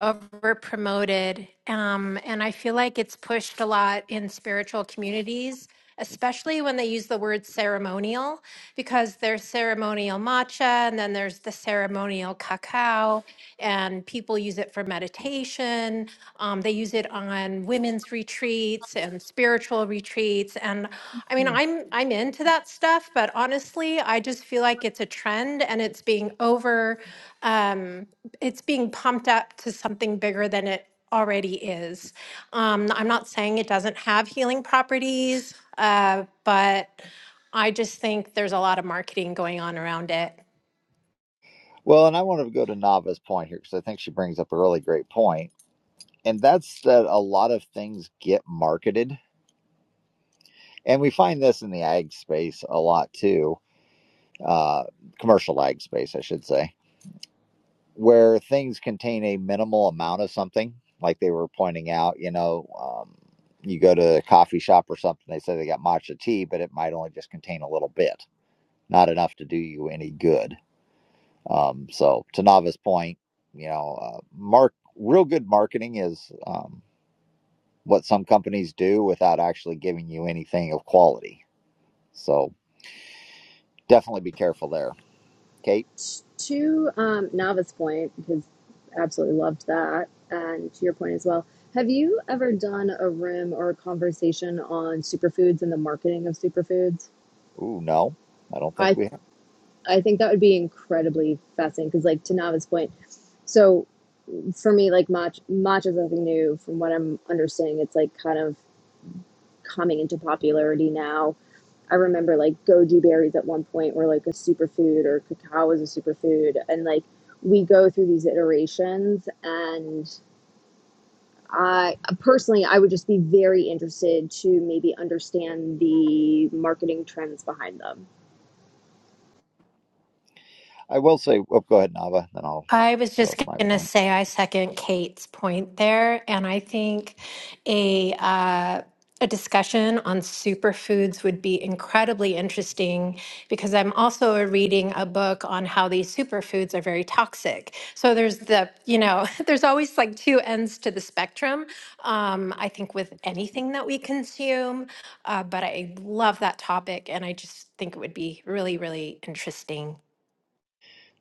over promoted, um, and I feel like it's pushed a lot in spiritual communities, especially when they use the word ceremonial, because there's ceremonial matcha, and then there's the ceremonial cacao, and people use it for meditation Um, they use it on women's retreats and spiritual retreats. And I mean, I'm I'm into that stuff, but honestly, I just feel like it's a trend and it's being over, um, it's being pumped up to something bigger than it already is. Um, I'm not saying it doesn't have healing properties, uh, but I just think there's a lot of marketing going on around it.
Well, and I want to go to Nava's point here because I think she brings up a really great point, and that's that a lot of things get marketed, and we find this in the ag space a lot too. Uh, commercial ag space, I should say where things contain a minimal amount of something, like they were pointing out, you know, um, you go to a coffee shop or something, they say they got matcha tea, but it might only just contain a little bit, not enough to do you any good. Um, so, to Nava's point, you know, uh, mark real good marketing is um, what some companies do without actually giving you anything of quality. So, definitely be careful there. Kate?
To um, Nava's point, because absolutely loved that, and to your point as well, have you ever done a room or a conversation on superfoods and the marketing of superfoods?
Ooh, no, I don't think
I
we have.
I think that would be incredibly fascinating because, like, to Nava's point, so for me, like match matcha is nothing new. From what I'm understanding, it's like kind of coming into popularity now. I remember like goji berries at one point were like a superfood or cacao was a superfood and like we go through these iterations and I personally I would just be very interested to maybe understand the marketing trends behind them.
I will say, oh, go ahead, Nava, then I'll
I was
go
just
with my
going to
point.
say I second Kate's point there, and I think a uh, a discussion on superfoods would be incredibly interesting because I'm also reading a book on how these superfoods are very toxic. So there's the you know there's always like two ends to the spectrum. Um, I think with anything that we consume, uh, but I love that topic, and I just think it would be really really interesting.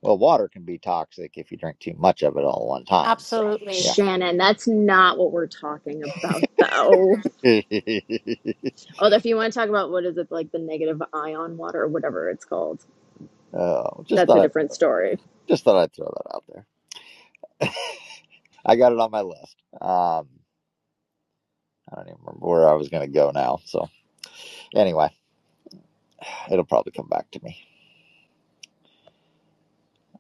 Well, water can be toxic if you drink too much of it all at one time. So,
Absolutely.
yeah.
Shannon, that's not what we're talking about though. Although if you want to talk about what is it like the negative ion water or whatever it's called,
uh, just
that's a
thought I
different story.
just thought I'd throw that out there. I got it on my list. Um, I don't even remember where I was going to go now. So, anyway, it'll probably come back to me.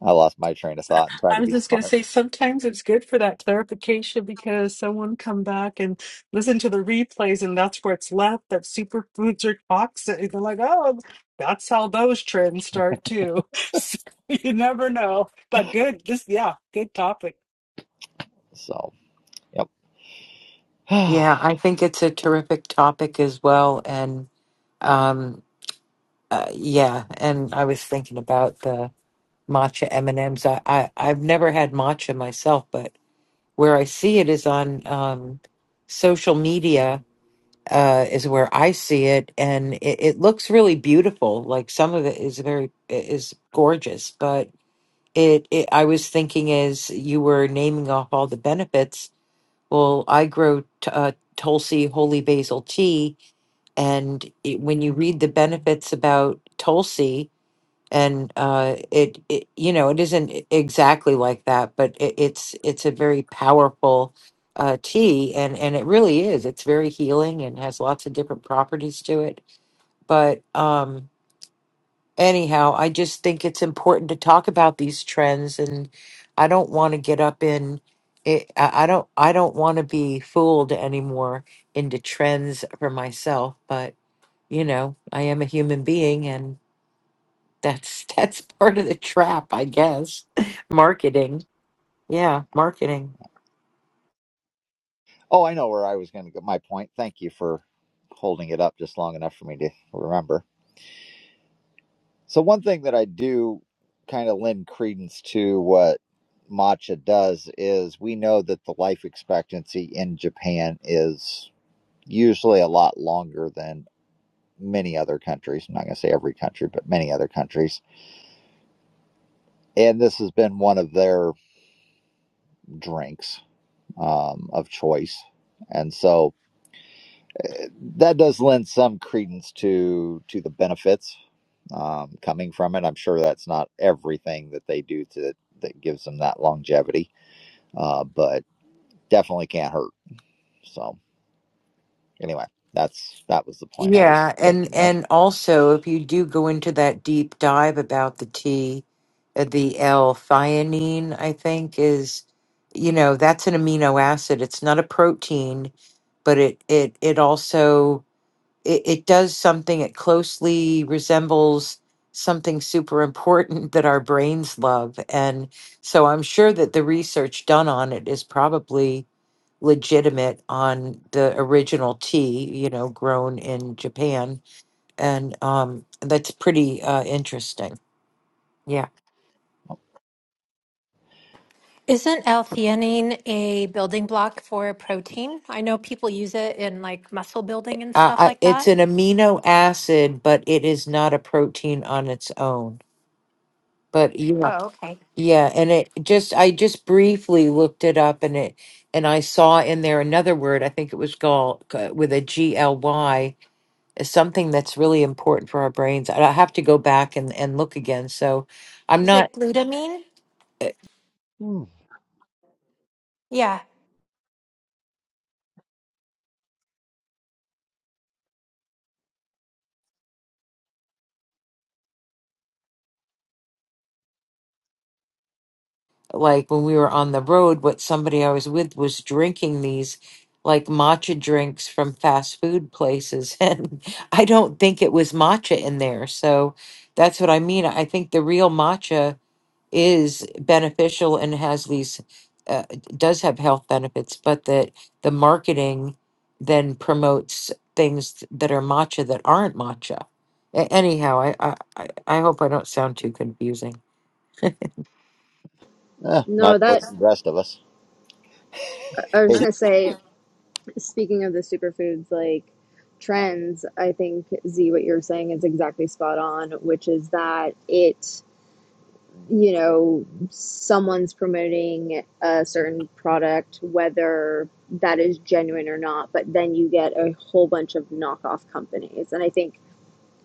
I lost my train of
So,
thought and tried
I
to
was
be
just going to
smart.
say sometimes it's good for that clarification because someone come back and listen to the replays and that's where it's left that superfoods are toxic. They're like, oh, that's how those trends start too. So you never know. But good, just yeah, good topic.
So, yep.
Yeah, I
oh,
think it's a terrific topic as well. And um, uh, yeah, and I was thinking about the matcha M and M's. I, I I've never had matcha myself, but where I see it is on um, social media. Uh, is where I see it, and it, it looks really beautiful. Like some of it is very is gorgeous, but it, it I was thinking as you were naming off all the benefits well, I grow t- uh, Tulsi holy basil tea, and it, when you read the benefits about Tulsi, and uh, it, it, you know, it isn't e- exactly like that, but it, it's it's a very powerful uh, tea, and and it really is. It's very healing and has lots of different properties to it. But um, anyhow, I just think it's important to talk about these trends, and I don't want to get up in it. I I don't. I don't want to be fooled anymore into trends for myself. But you know, I am a human being, and that's that's part of the trap, I guess. marketing, yeah, marketing.
I know where I was going to go. My point. Thank you for holding it up just long enough for me to remember. So one thing that I do kind of lend credence to what matcha does is we know that the life expectancy in Japan is usually a lot longer than many other countries. I'm not going to say every country, but many other countries. And this has been one of their drinks um, of choice. And so that does lend some credence to to the benefits um, coming from it. I'm sure that's not everything that they do to that gives them that longevity uh, but definitely can't hurt. So anyway, that's that was the point I was
Yeah, and
thinking of.
and also if you do go into that deep dive about the T, uh, the L-theanine, I think is, you know, that's an amino acid. It's not a protein, but it it it also it, it does something. It closely resembles something super important that our brains love, and so I'm sure that the research done on it is probably legitimate on the original tea, you know, grown in Japan. And um, that's pretty uh, interesting. Yeah.
Isn't L-theanine a building block for a protein? I know people use it in like muscle building and
Uh,
stuff
I,
like
it's
that.
an amino acid, but it is not a protein on its own. But yeah,
Oh, okay.
yeah, and it just I just briefly looked it up, and it and I saw in there another word. I think it was gall g- with a G L Y, is something that's really important for our brains. I have to go back and and look again. So I'm
Is
not.
it glutamine?
uh,
Hmm.
Yeah.
like when we were on the road, what somebody I was with was drinking these like matcha drinks from fast food places. And I don't think it was matcha in there. So that's what I mean. I think the real matcha is beneficial and has these, uh, does have health benefits, but that the marketing then promotes things that are matcha that aren't matcha. A- Anyhow, I, I, I I hope I don't sound too confusing.
Eh,
No,
not worth
that
the rest of us.
I was just
Hey,
gonna say Speaking of the superfoods, like trends, I think Z, what you're saying is exactly spot on, which is that it, you know, someone's promoting a certain product, whether that is genuine or not, but then you get a whole bunch of knockoff companies. And I think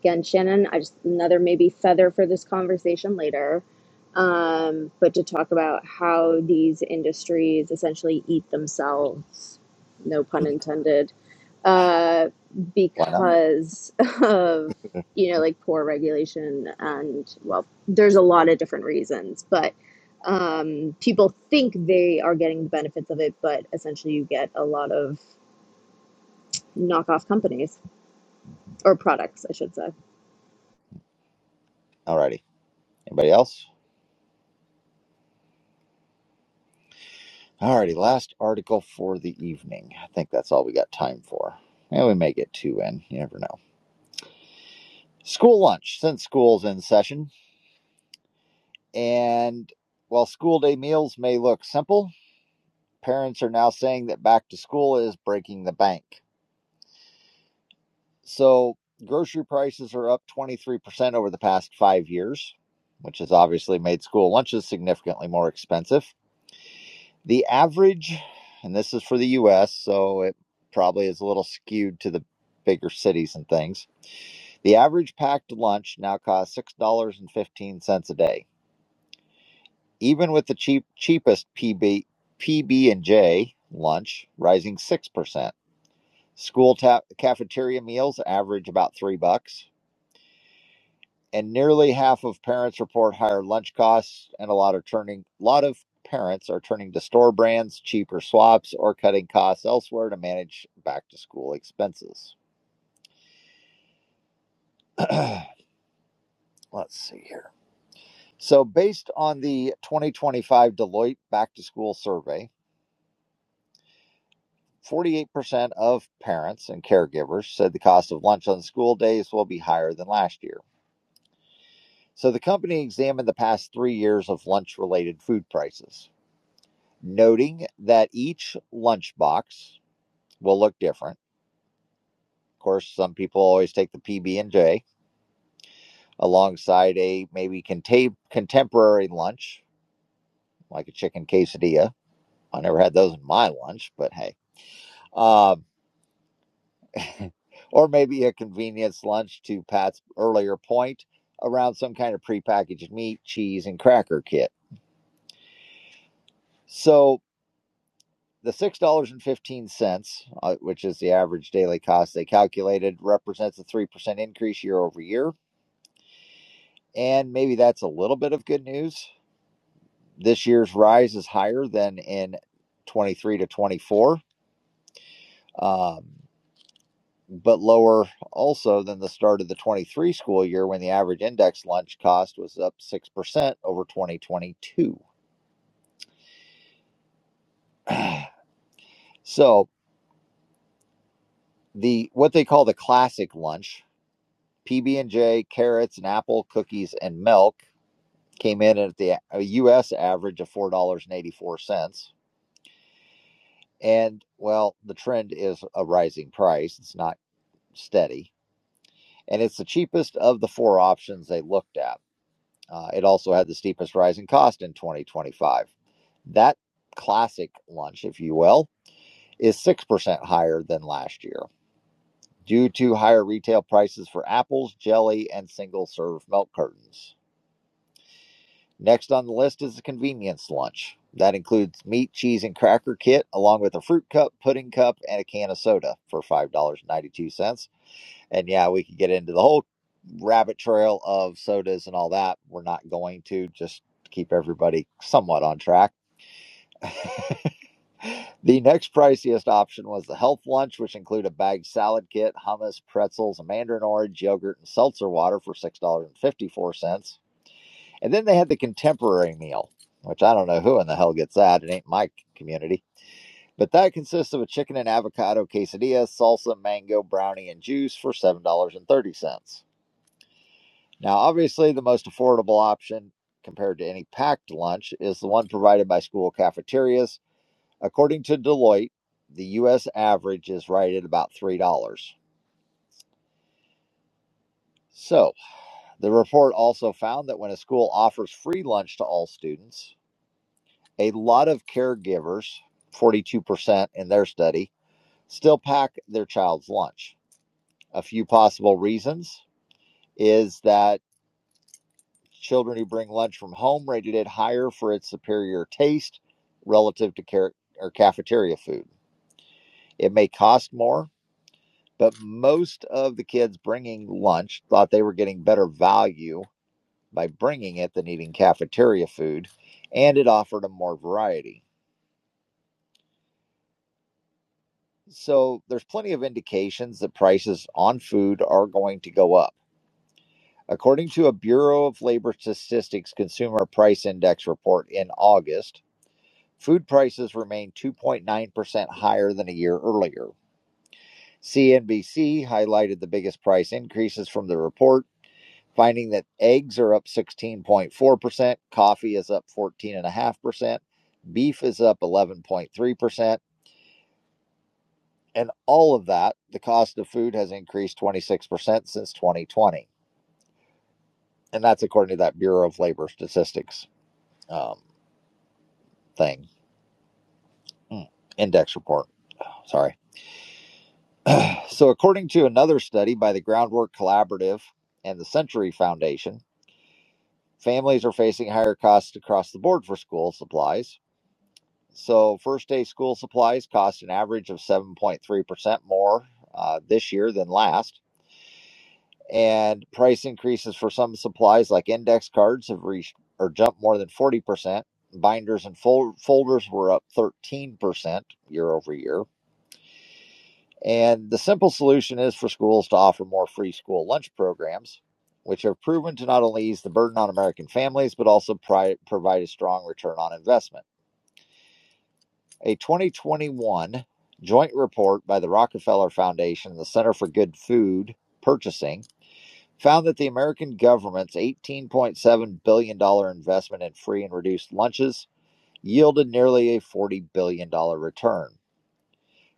again, Shannon, I just another maybe feather for this conversation later. Um, but to talk about how these industries essentially eat themselves, no pun intended, uh,
why not?
because of you know like poor regulation and well, there's a lot of different reasons, but um, people think they are getting the benefits of it, but essentially you get a lot of knockoff companies or products, I should say.
Alrighty. Anybody else? Alrighty, last article for the evening. I think that's all we got time for. And we may get two in. You never know. School lunch, since school's in session. And while school day meals may look simple, parents are now saying that back to school is breaking the bank. So grocery prices are up 23% over the past five years, which has obviously made school lunches significantly more expensive. The average, and this is for the US, so it probably is a little skewed to the bigger cities and things. The average packed lunch now costs $6.15 a day. Even with the cheap cheapest PB PB and J lunch rising 6%. School ta- cafeteria meals average about 3 bucks and nearly half of parents report higher lunch costs and a lot are turning a lot of parents are turning to store brands cheaper swaps or cutting costs elsewhere to manage back to school expenses let's see here so based on the 2025 deloitte back to school survey 48% of parents and caregivers said the cost of lunch on school days will be higher than last year so the company examined the past three years of lunch related food prices noting that each lunchbox will look different. Of course, some people always take the PB and J alongside a maybe conta- contemporary lunch, like a chicken quesadilla. I never had those in my lunch, but hey. Um, or maybe a convenience lunch to Pat's earlier point around some kind of prepackaged meat, cheese, and cracker kit. So The $6.15, uh, which is the average daily cost they calculated, represents a 3% increase year over year. And maybe that's a little bit of good news. This year's rise is higher than in 23 to 24, um, but lower also than the start of the 23 school year when the average index lunch cost was up 6% over 2022. So the what they call the classic lunch, PB&J, carrots, an apple, cookies, and milk came in at the U.S. average of four dollars and eighty-four cents. And well, the trend is a rising price; it's not steady, and it's the cheapest of the four options they looked at. Uh, it also had the steepest rise in cost in 2025. That classic lunch, if you will, is six percent higher than last year due to higher retail prices for apples, jelly, and single-serve milk cartons. Next on the list is a convenience lunch. That includes meat, cheese, and cracker kit, along with a fruit cup, pudding cup, and a can of soda for $5.92. And ninety-two cents. And yeah, we could get into the whole rabbit trail of sodas and all that. We're not going to, just to keep everybody somewhat on track. The next priciest option was the health lunch, which included a bag salad kit, hummus, pretzels, a mandarin orange, yogurt, and seltzer water for $6.54. And then they had the contemporary meal, which I don't know who in the hell gets that. It ain't my community. But that consists of a chicken and avocado quesadilla, salsa, mango, brownie, and juice for $7.30. Now, obviously, the most affordable option compared to any packed lunch is the one provided by school cafeterias. According to Deloitte, the U.S. average is right at about $3. So, the report also found that when a school offers free lunch to all students, A lot of caregivers, 42% in their study, still pack their child's lunch. A few possible reasons is that children who bring lunch from home rated it higher for its superior taste relative to care or cafeteria food. It may cost more, but most of the kids bringing lunch thought they were getting better value by bringing it than eating cafeteria food, and it offered them more variety So there's plenty of indications that prices on food are going to go up. According to a Bureau of Labor Statistics Consumer Price Index report in August, food prices remained 2.9% higher than a year earlier. CNBC highlighted the biggest price increases from the report, finding that eggs are up 16.4%, coffee is up 14.5%, beef is up 11.3%, And all of that, the cost of food has increased 26% since 2020. And that's according to that Bureau of Labor Statistics um, thing, mm, index report. Sorry. So, according to another study by the Groundwork Collaborative and the Century Foundation, families are facing higher costs across the board for school supplies. So, first day school supplies cost an average of 7.3% more uh, this year than last and price increases for some supplies like index cards have reached or jumped more than 40%. Binders and fol- folders were up 13% year over year. And the simple solution is for schools to offer more free school lunch programs, which have proven to not only ease the burden on American families, but also pri- provide a strong return on investment. A 2021 joint report by the Rockefeller Foundation and the Center for Good Food Purchasing found that the American government's $18.7 billion dollars investment in free and reduced lunches yielded nearly a $40 billion dollars return,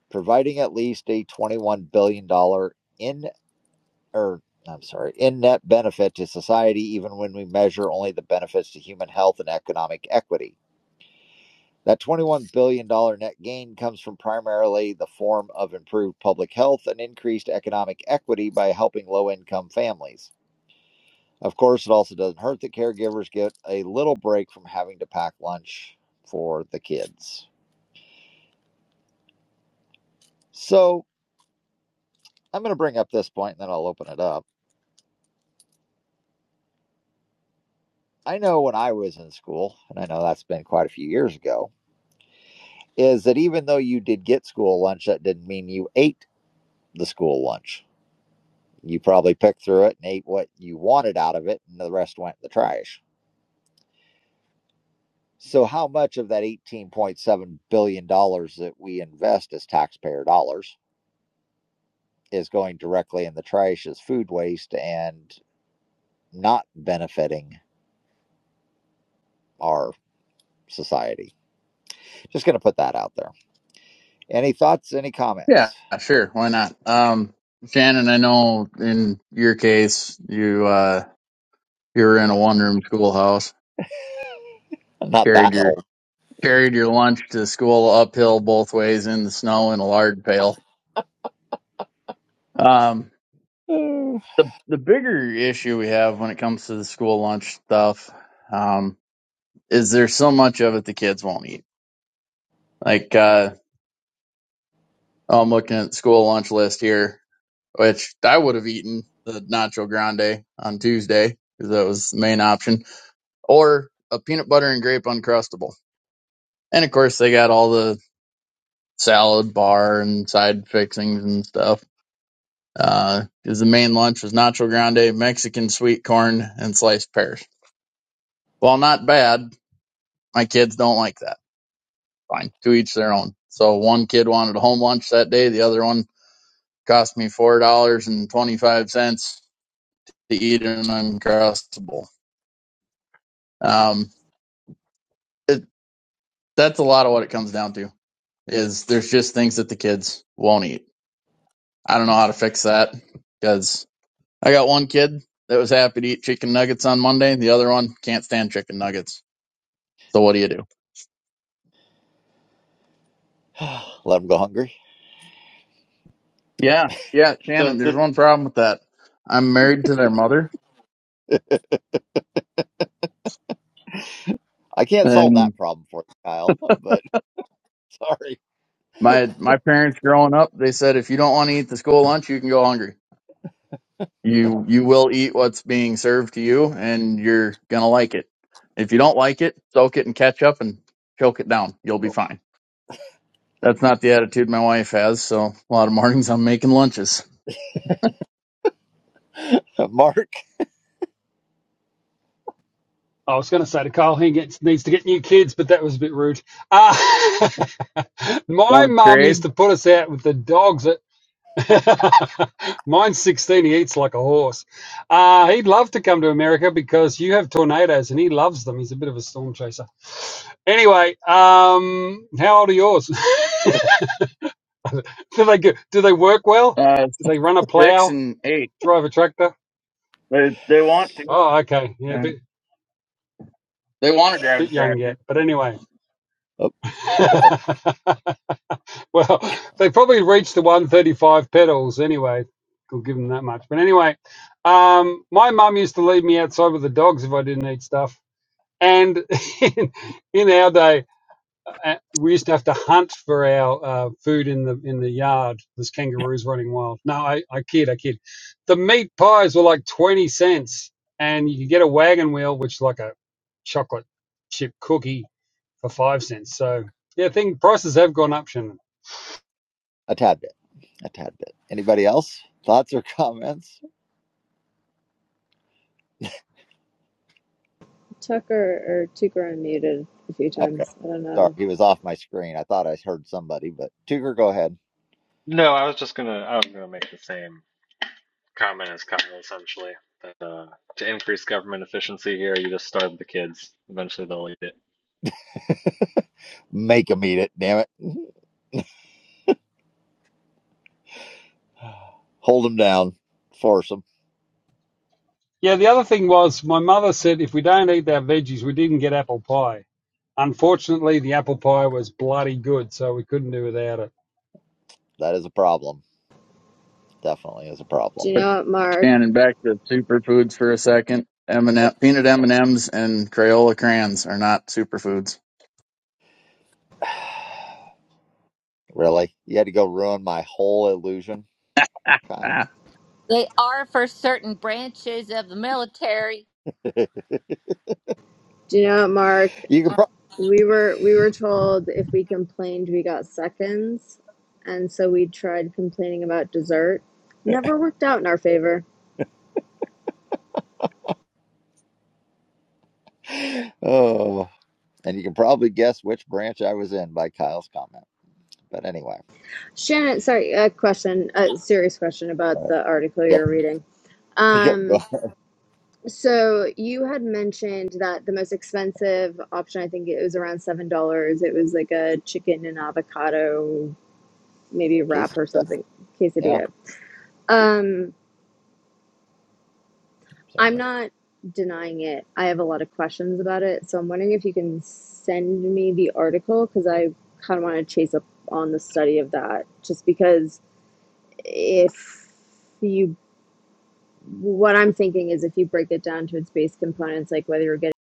providing at least a $21 billion dollars in or I'm sorry, in net benefit to society even when we measure only the benefits to human health and economic equity. That $21 billion dollars net gain comes from primarily the form of improved public health and increased economic equity by helping low income families. Of course, it also doesn't hurt that caregivers get a little break from having to pack lunch for the kids. So I'm going to bring up this point and then I'll open it up. I know when I was in school, and I know that's been quite a few years ago, is that even though you did get school lunch, that didn't mean you ate the school lunch. You probably picked through it and ate what you wanted out of it, and the rest went in the trash. So, how much of that $18.7 billion dollars that we invest as taxpayer dollars? is going directly in the trash as food waste and not benefiting our society. Just going to put that out there. Any thoughts? Any
Yeah,
comments?
sure. Why not? Um, Shannon, I know in your case you uh you were in a one room schoolhouse,
I'm not
carried
that
your
old.
carried your lunch to school uphill both ways in the snow in a lard pail. Um the the bigger issue we have when it comes to the school lunch stuff um, is there's so much of it the kids won't eat. Like uh, I'm looking at the school lunch list here, which I would have eaten the nacho grande on Tuesday because that was the main option, or a peanut butter and grape uncrustable. And of course, they got all the salad bar and side fixings and stuff. Because uh, the main lunch was nacho grande, Mexican sweet corn, and sliced pears. Well, not bad, My kids don't like that. Fine. To each their own. So one kid wanted a home lunch that day. The other one cost me $4.25 to eat an Uncrustable. Um, it, that's a lot of what it comes down to is there's just things that the kids won't eat. I don't know how to fix that because I got one kid that was happy to eat chicken nuggets on Monday. The other one can't stand chicken nuggets. So what do you do?
Let them go hungry.
Yeah. Yeah. Shannon,
So
there's
this,
one problem with that. I'm married to their mother.
I can't solve
and.
that problem for you, Kyle, but sorry.
My my parents growing up, they said if you don't want to eat the school lunch, you can go hungry. You you will eat what's being served to you, and you're gonna like it. If you don't like it, soak it in ketchup and choke it down. You'll be fine. That's not the attitude my wife has. So a lot of mornings I'm making lunches.
Mark,
I was going to say to Carl, he gets, needs to get new kids, but that was a bit rude. Uh, my
Going to
mum used
grade
to put us out with the dogs. At Mine's 16, he eats like a horse. Uh, he'd love to come to America because you have tornadoes and he loves them. He's a bit of a storm chaser. Anyway, um, how old are yours? do they go, do they work well?
uh,
Do they run a
six
plow,
and eight.
drive a tractor?
They they want to.
Oh, okay, yeah, a
Yeah.
bit
They want to drive a
bit young
tractor.
yet, but anyway.
oh,
well, they probably reached the 135 pedals anyway. Could give them that much, but anyway, um, my mum used to leave me outside with the dogs if I didn't eat stuff. And in, in our day, uh, we used to have to hunt for our uh, food in the in the yard. There's kangaroos running wild. No, I, I kid, I kid. The meat pies were like twenty cents, and you could get a wagon wheel, which is like a chocolate chip cookie, for five cents. So yeah, thing prices have gone up, Shannon.
a tad bit. A tad bit. Anybody else? Thoughts or comments?
Tucker or Tucker unmuted a few
Okay.
times. I don't
Sorry,
know.
he was off my screen. I thought I heard somebody, but Tuger, go ahead.
no, I was just gonna, I was gonna make the same comment as Kyle, essentially, that uh, to increase government efficiency here, you just starve the kids. Eventually, they'll eat it.
Make him eat it, damn it. Hold him down. Force him.
Yeah, the other thing was my mother said if we don't eat our veggies, we didn't get apple pie. Unfortunately, the apple pie was bloody good, so we couldn't do without it.
That is a problem. Definitely is a
Do you
problem.
know what, Mark?
Shannon, back to superfoods for a second. M and M peanut M and M's and Crayola crayons are not superfoods.
Really? You had to go ruin my whole illusion, Kyle?
They are for certain branches of the military.
Do you know what, Mark?
You can
We were we were told if we complained, we got seconds, and so we tried complaining about dessert. Never worked out in our favor.
pro- Oh, and you can probably guess which branch I was in by Kyle's comment. But anyway.
Shannon, sorry, a question, a serious question
All
about
right.
the article
Yep.
you're reading.
Yep. Go
Um,
ahead.
so you had mentioned that the most expensive option, I think it was around seven dollars. It was like a chicken and avocado maybe
Casey.
wrap or
Yeah.
something,
Yeah.
quesadilla. Um,
There
I'm
it is.
not denying it. I have a lot of questions about it, so I'm wondering if you can send me the article because I kind of want to chase up on the study of that. Just because if you, what I'm thinking is if you break it down to its base components, like whether you're getting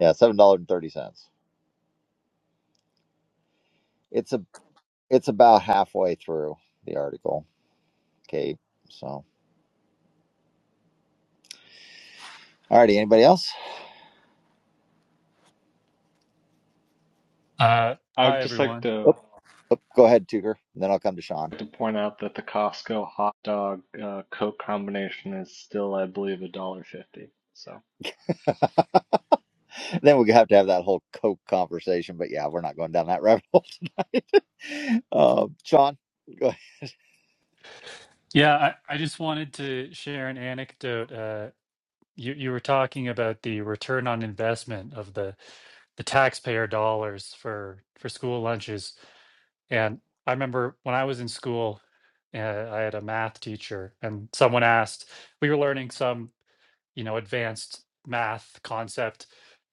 Yeah, seven dollars and thirty cents. It's a it's about halfway through the article, Kate. So all righty, anybody else?
Uh,
I would
hi,
just like
everyone.
to
Oop, oop, go ahead, Tutor. And then I'll come to Sean.
to point out that the Costco hot dog uh, Coke combination is still, I believe, a dollar fifty. So.
then we have to have that whole Coke conversation. But yeah, we're not going down that rabbit hole tonight. uh, Sean, go ahead.
Yeah, I, I just wanted to share an anecdote. Uh, you, you were talking about the return on investment of the, the taxpayer dollars for, for school lunches. And I remember when I was in school, uh, I had a math teacher, and someone asked, we were learning some, you know, advanced math concept.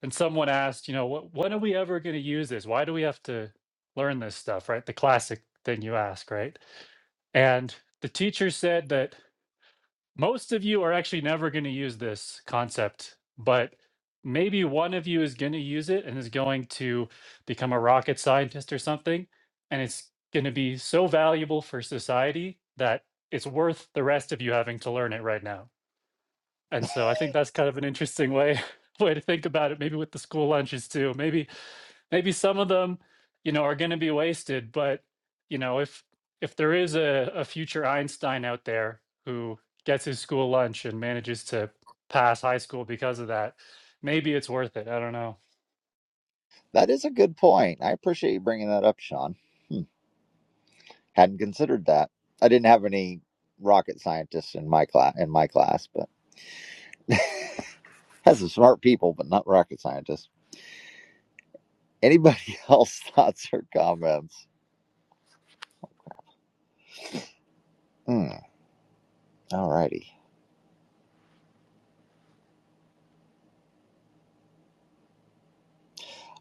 And someone asked, you know, what, when are we ever going to use this? Why do we have to learn this stuff, right? The classic thing you ask, right? And the teacher said that most of you are actually never going to use this concept, but maybe one of you is going to use it and is going to become a rocket scientist or something. And it's going to be so valuable for society that it's worth the rest of you having to learn it right now. And so I think that's kind of an interesting way way to think about it maybe with the school lunches too maybe maybe some of them you know are going to be wasted but you know if if there is a, a future einstein out there who gets his school lunch and manages to pass high school because of that maybe it's worth it i don't know
that is a good point. I appreciate you bringing that up, Sean. Hmm. Hadn't considered that. I didn't have any rocket scientists in my class. In my class, but has some smart people, but not rocket scientists. Anybody else thoughts or comments? Hmm. All righty.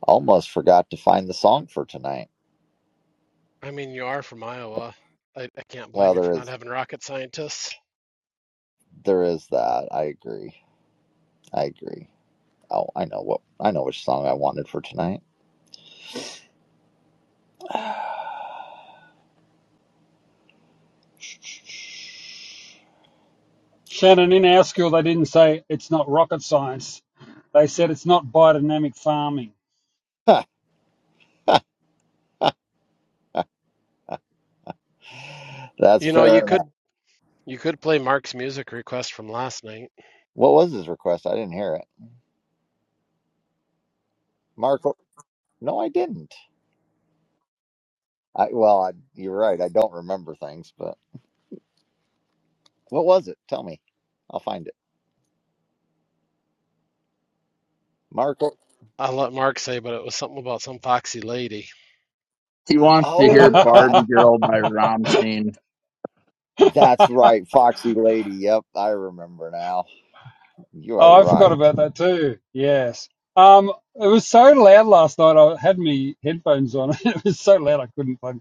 Almost forgot to find the song for tonight.
I mean, you are from Iowa. I, I can't blame
Well,
you
there
for not
is
having rocket scientists.
there is that. I agree. I agree. Oh, I know what I know which song I wanted for tonight.
Shannon, in our school, they didn't say it's not rocket science. They said it's not biodynamic farming.
That's
You know,
fair
you
enough.
could you could play Mark's music request from last night.
What was his request? I didn't hear it. Marco, no, I didn't. I well, I, you're right. I don't remember things, but what was it? Tell me. I'll find it. Marco.
I'll let Mark say, but it was something about some foxy lady.
he wants to hear
Oh,
oh,
that
Barbie Girl by Rammstein.
that's right. Foxy Lady. Yep, I remember now. You are
I forgot
right.
about that too. Yes. Um, it was so loud last night. I had my headphones on. It was so loud I couldn't plug,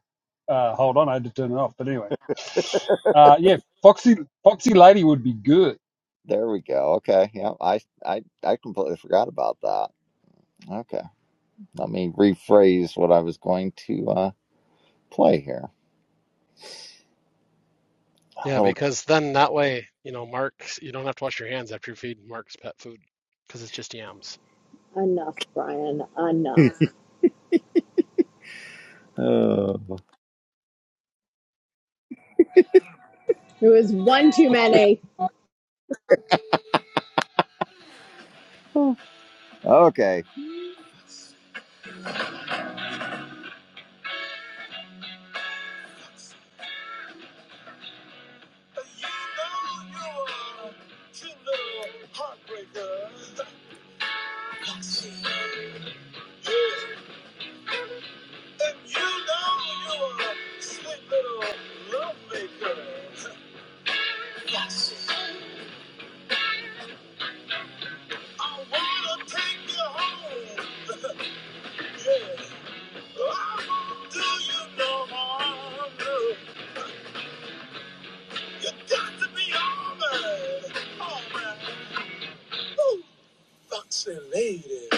uh, hold on. I had to turn it off. But anyway, uh, yeah, Foxy Foxy Lady would be good.
There we go. Okay. Yeah, I I I completely forgot about that. Okay. Let me rephrase what I was going to. uh play here.
Yeah,
Hold.
because then that way, you know, Mark, you don't have to wash your hands after you feed Mark's pet food because it's just yams.
enough, Brian, enough.
Uh,
It was one too many.
okay. Lady.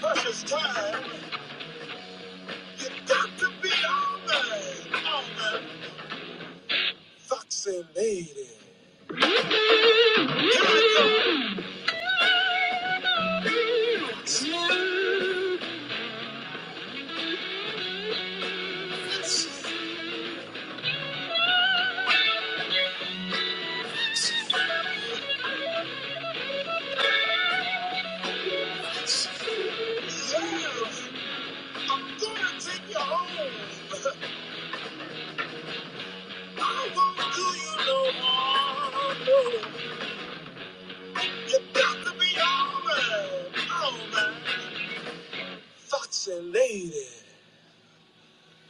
Precious time, you got to be on the, on the vaccinated. Here I go. I'm gonna take you home. I won't do you no harm. No. You got to be alright, alright. Foxy lady,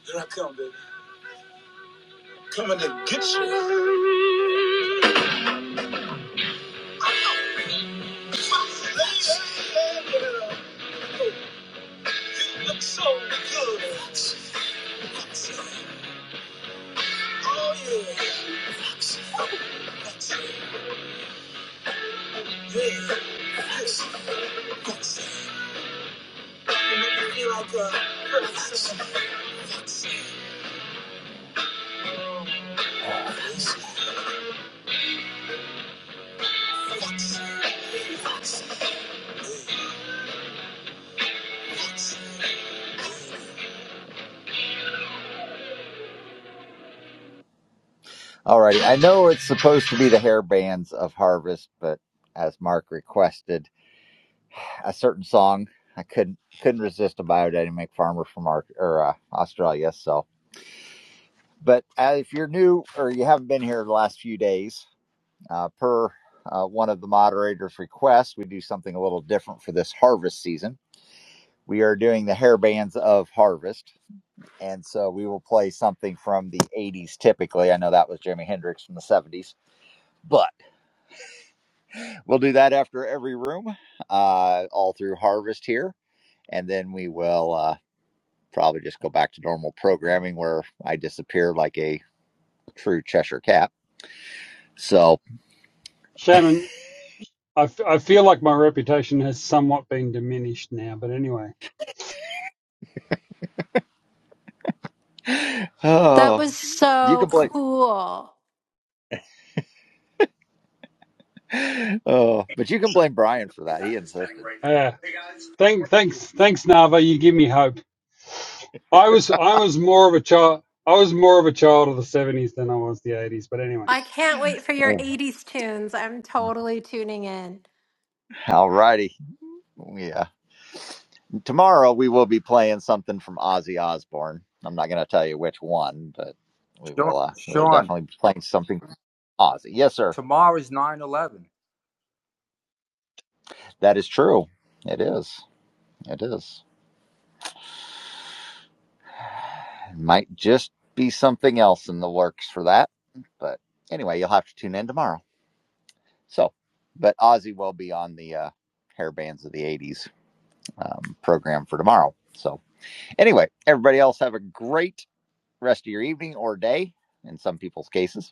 here I come, baby. Coming to get you. I know. Foxy lady, yeah. Looks so good. Foxy. Oh yeah. Foxy. Foxy. Yeah. Foxy. Foxy. You make me feel like a person. Alrighty, I know it's supposed to be the hair bands of Harvest, but as Mark requested, a certain song I couldn't couldn't resist a Biodynamic Farmer from our, or uh, Australia. So, but uh, if you're new or you haven't been here the last few days, uh, per uh, one of the moderators' requests, we do something a little different for this harvest season. We are doing the hair bands of Harvest. and so we will play something from the 80s typically i know that was jimi hendrix from the 70s but we'll do that after every room uh, all through harvest here and then we will uh, probably just go back to normal programming where i disappear like a true cheshire cat so
Shannon, I, f- I feel like my reputation has somewhat been diminished now. But anyway,
That
oh
was
you can
so
blame
cool.
oh but you can blame brian for that he insisted
Uh, Thank, thanks, thanks, Nava. You give me hope. I was, I was more of a child. I was more of a child of the seventies than I was the eighties. But anyway.
I can't wait for your
Oh.
80s tunes. I'm totally tuning in.
all righty yeah tomorrow we will be playing something from Ozzy Osbourne. I'm not going to tell you which one, but we
Sean,
will. Uh, we will
Sean,
definitely be playing something from Ozzy. Yes, sir.
tomorrow is nine eleven.
That is true. It is. It is. It might just be something else in the works for that. But anyway, you'll have to tune in tomorrow. So, but Ozzy will be on the uh, hair bands of the '80s um, program for tomorrow. So anyway, everybody else have a great rest of your evening or day. In some people's cases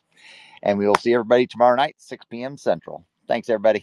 And we will see everybody tomorrow night, 6 p.m. Central. Thanks, everybody.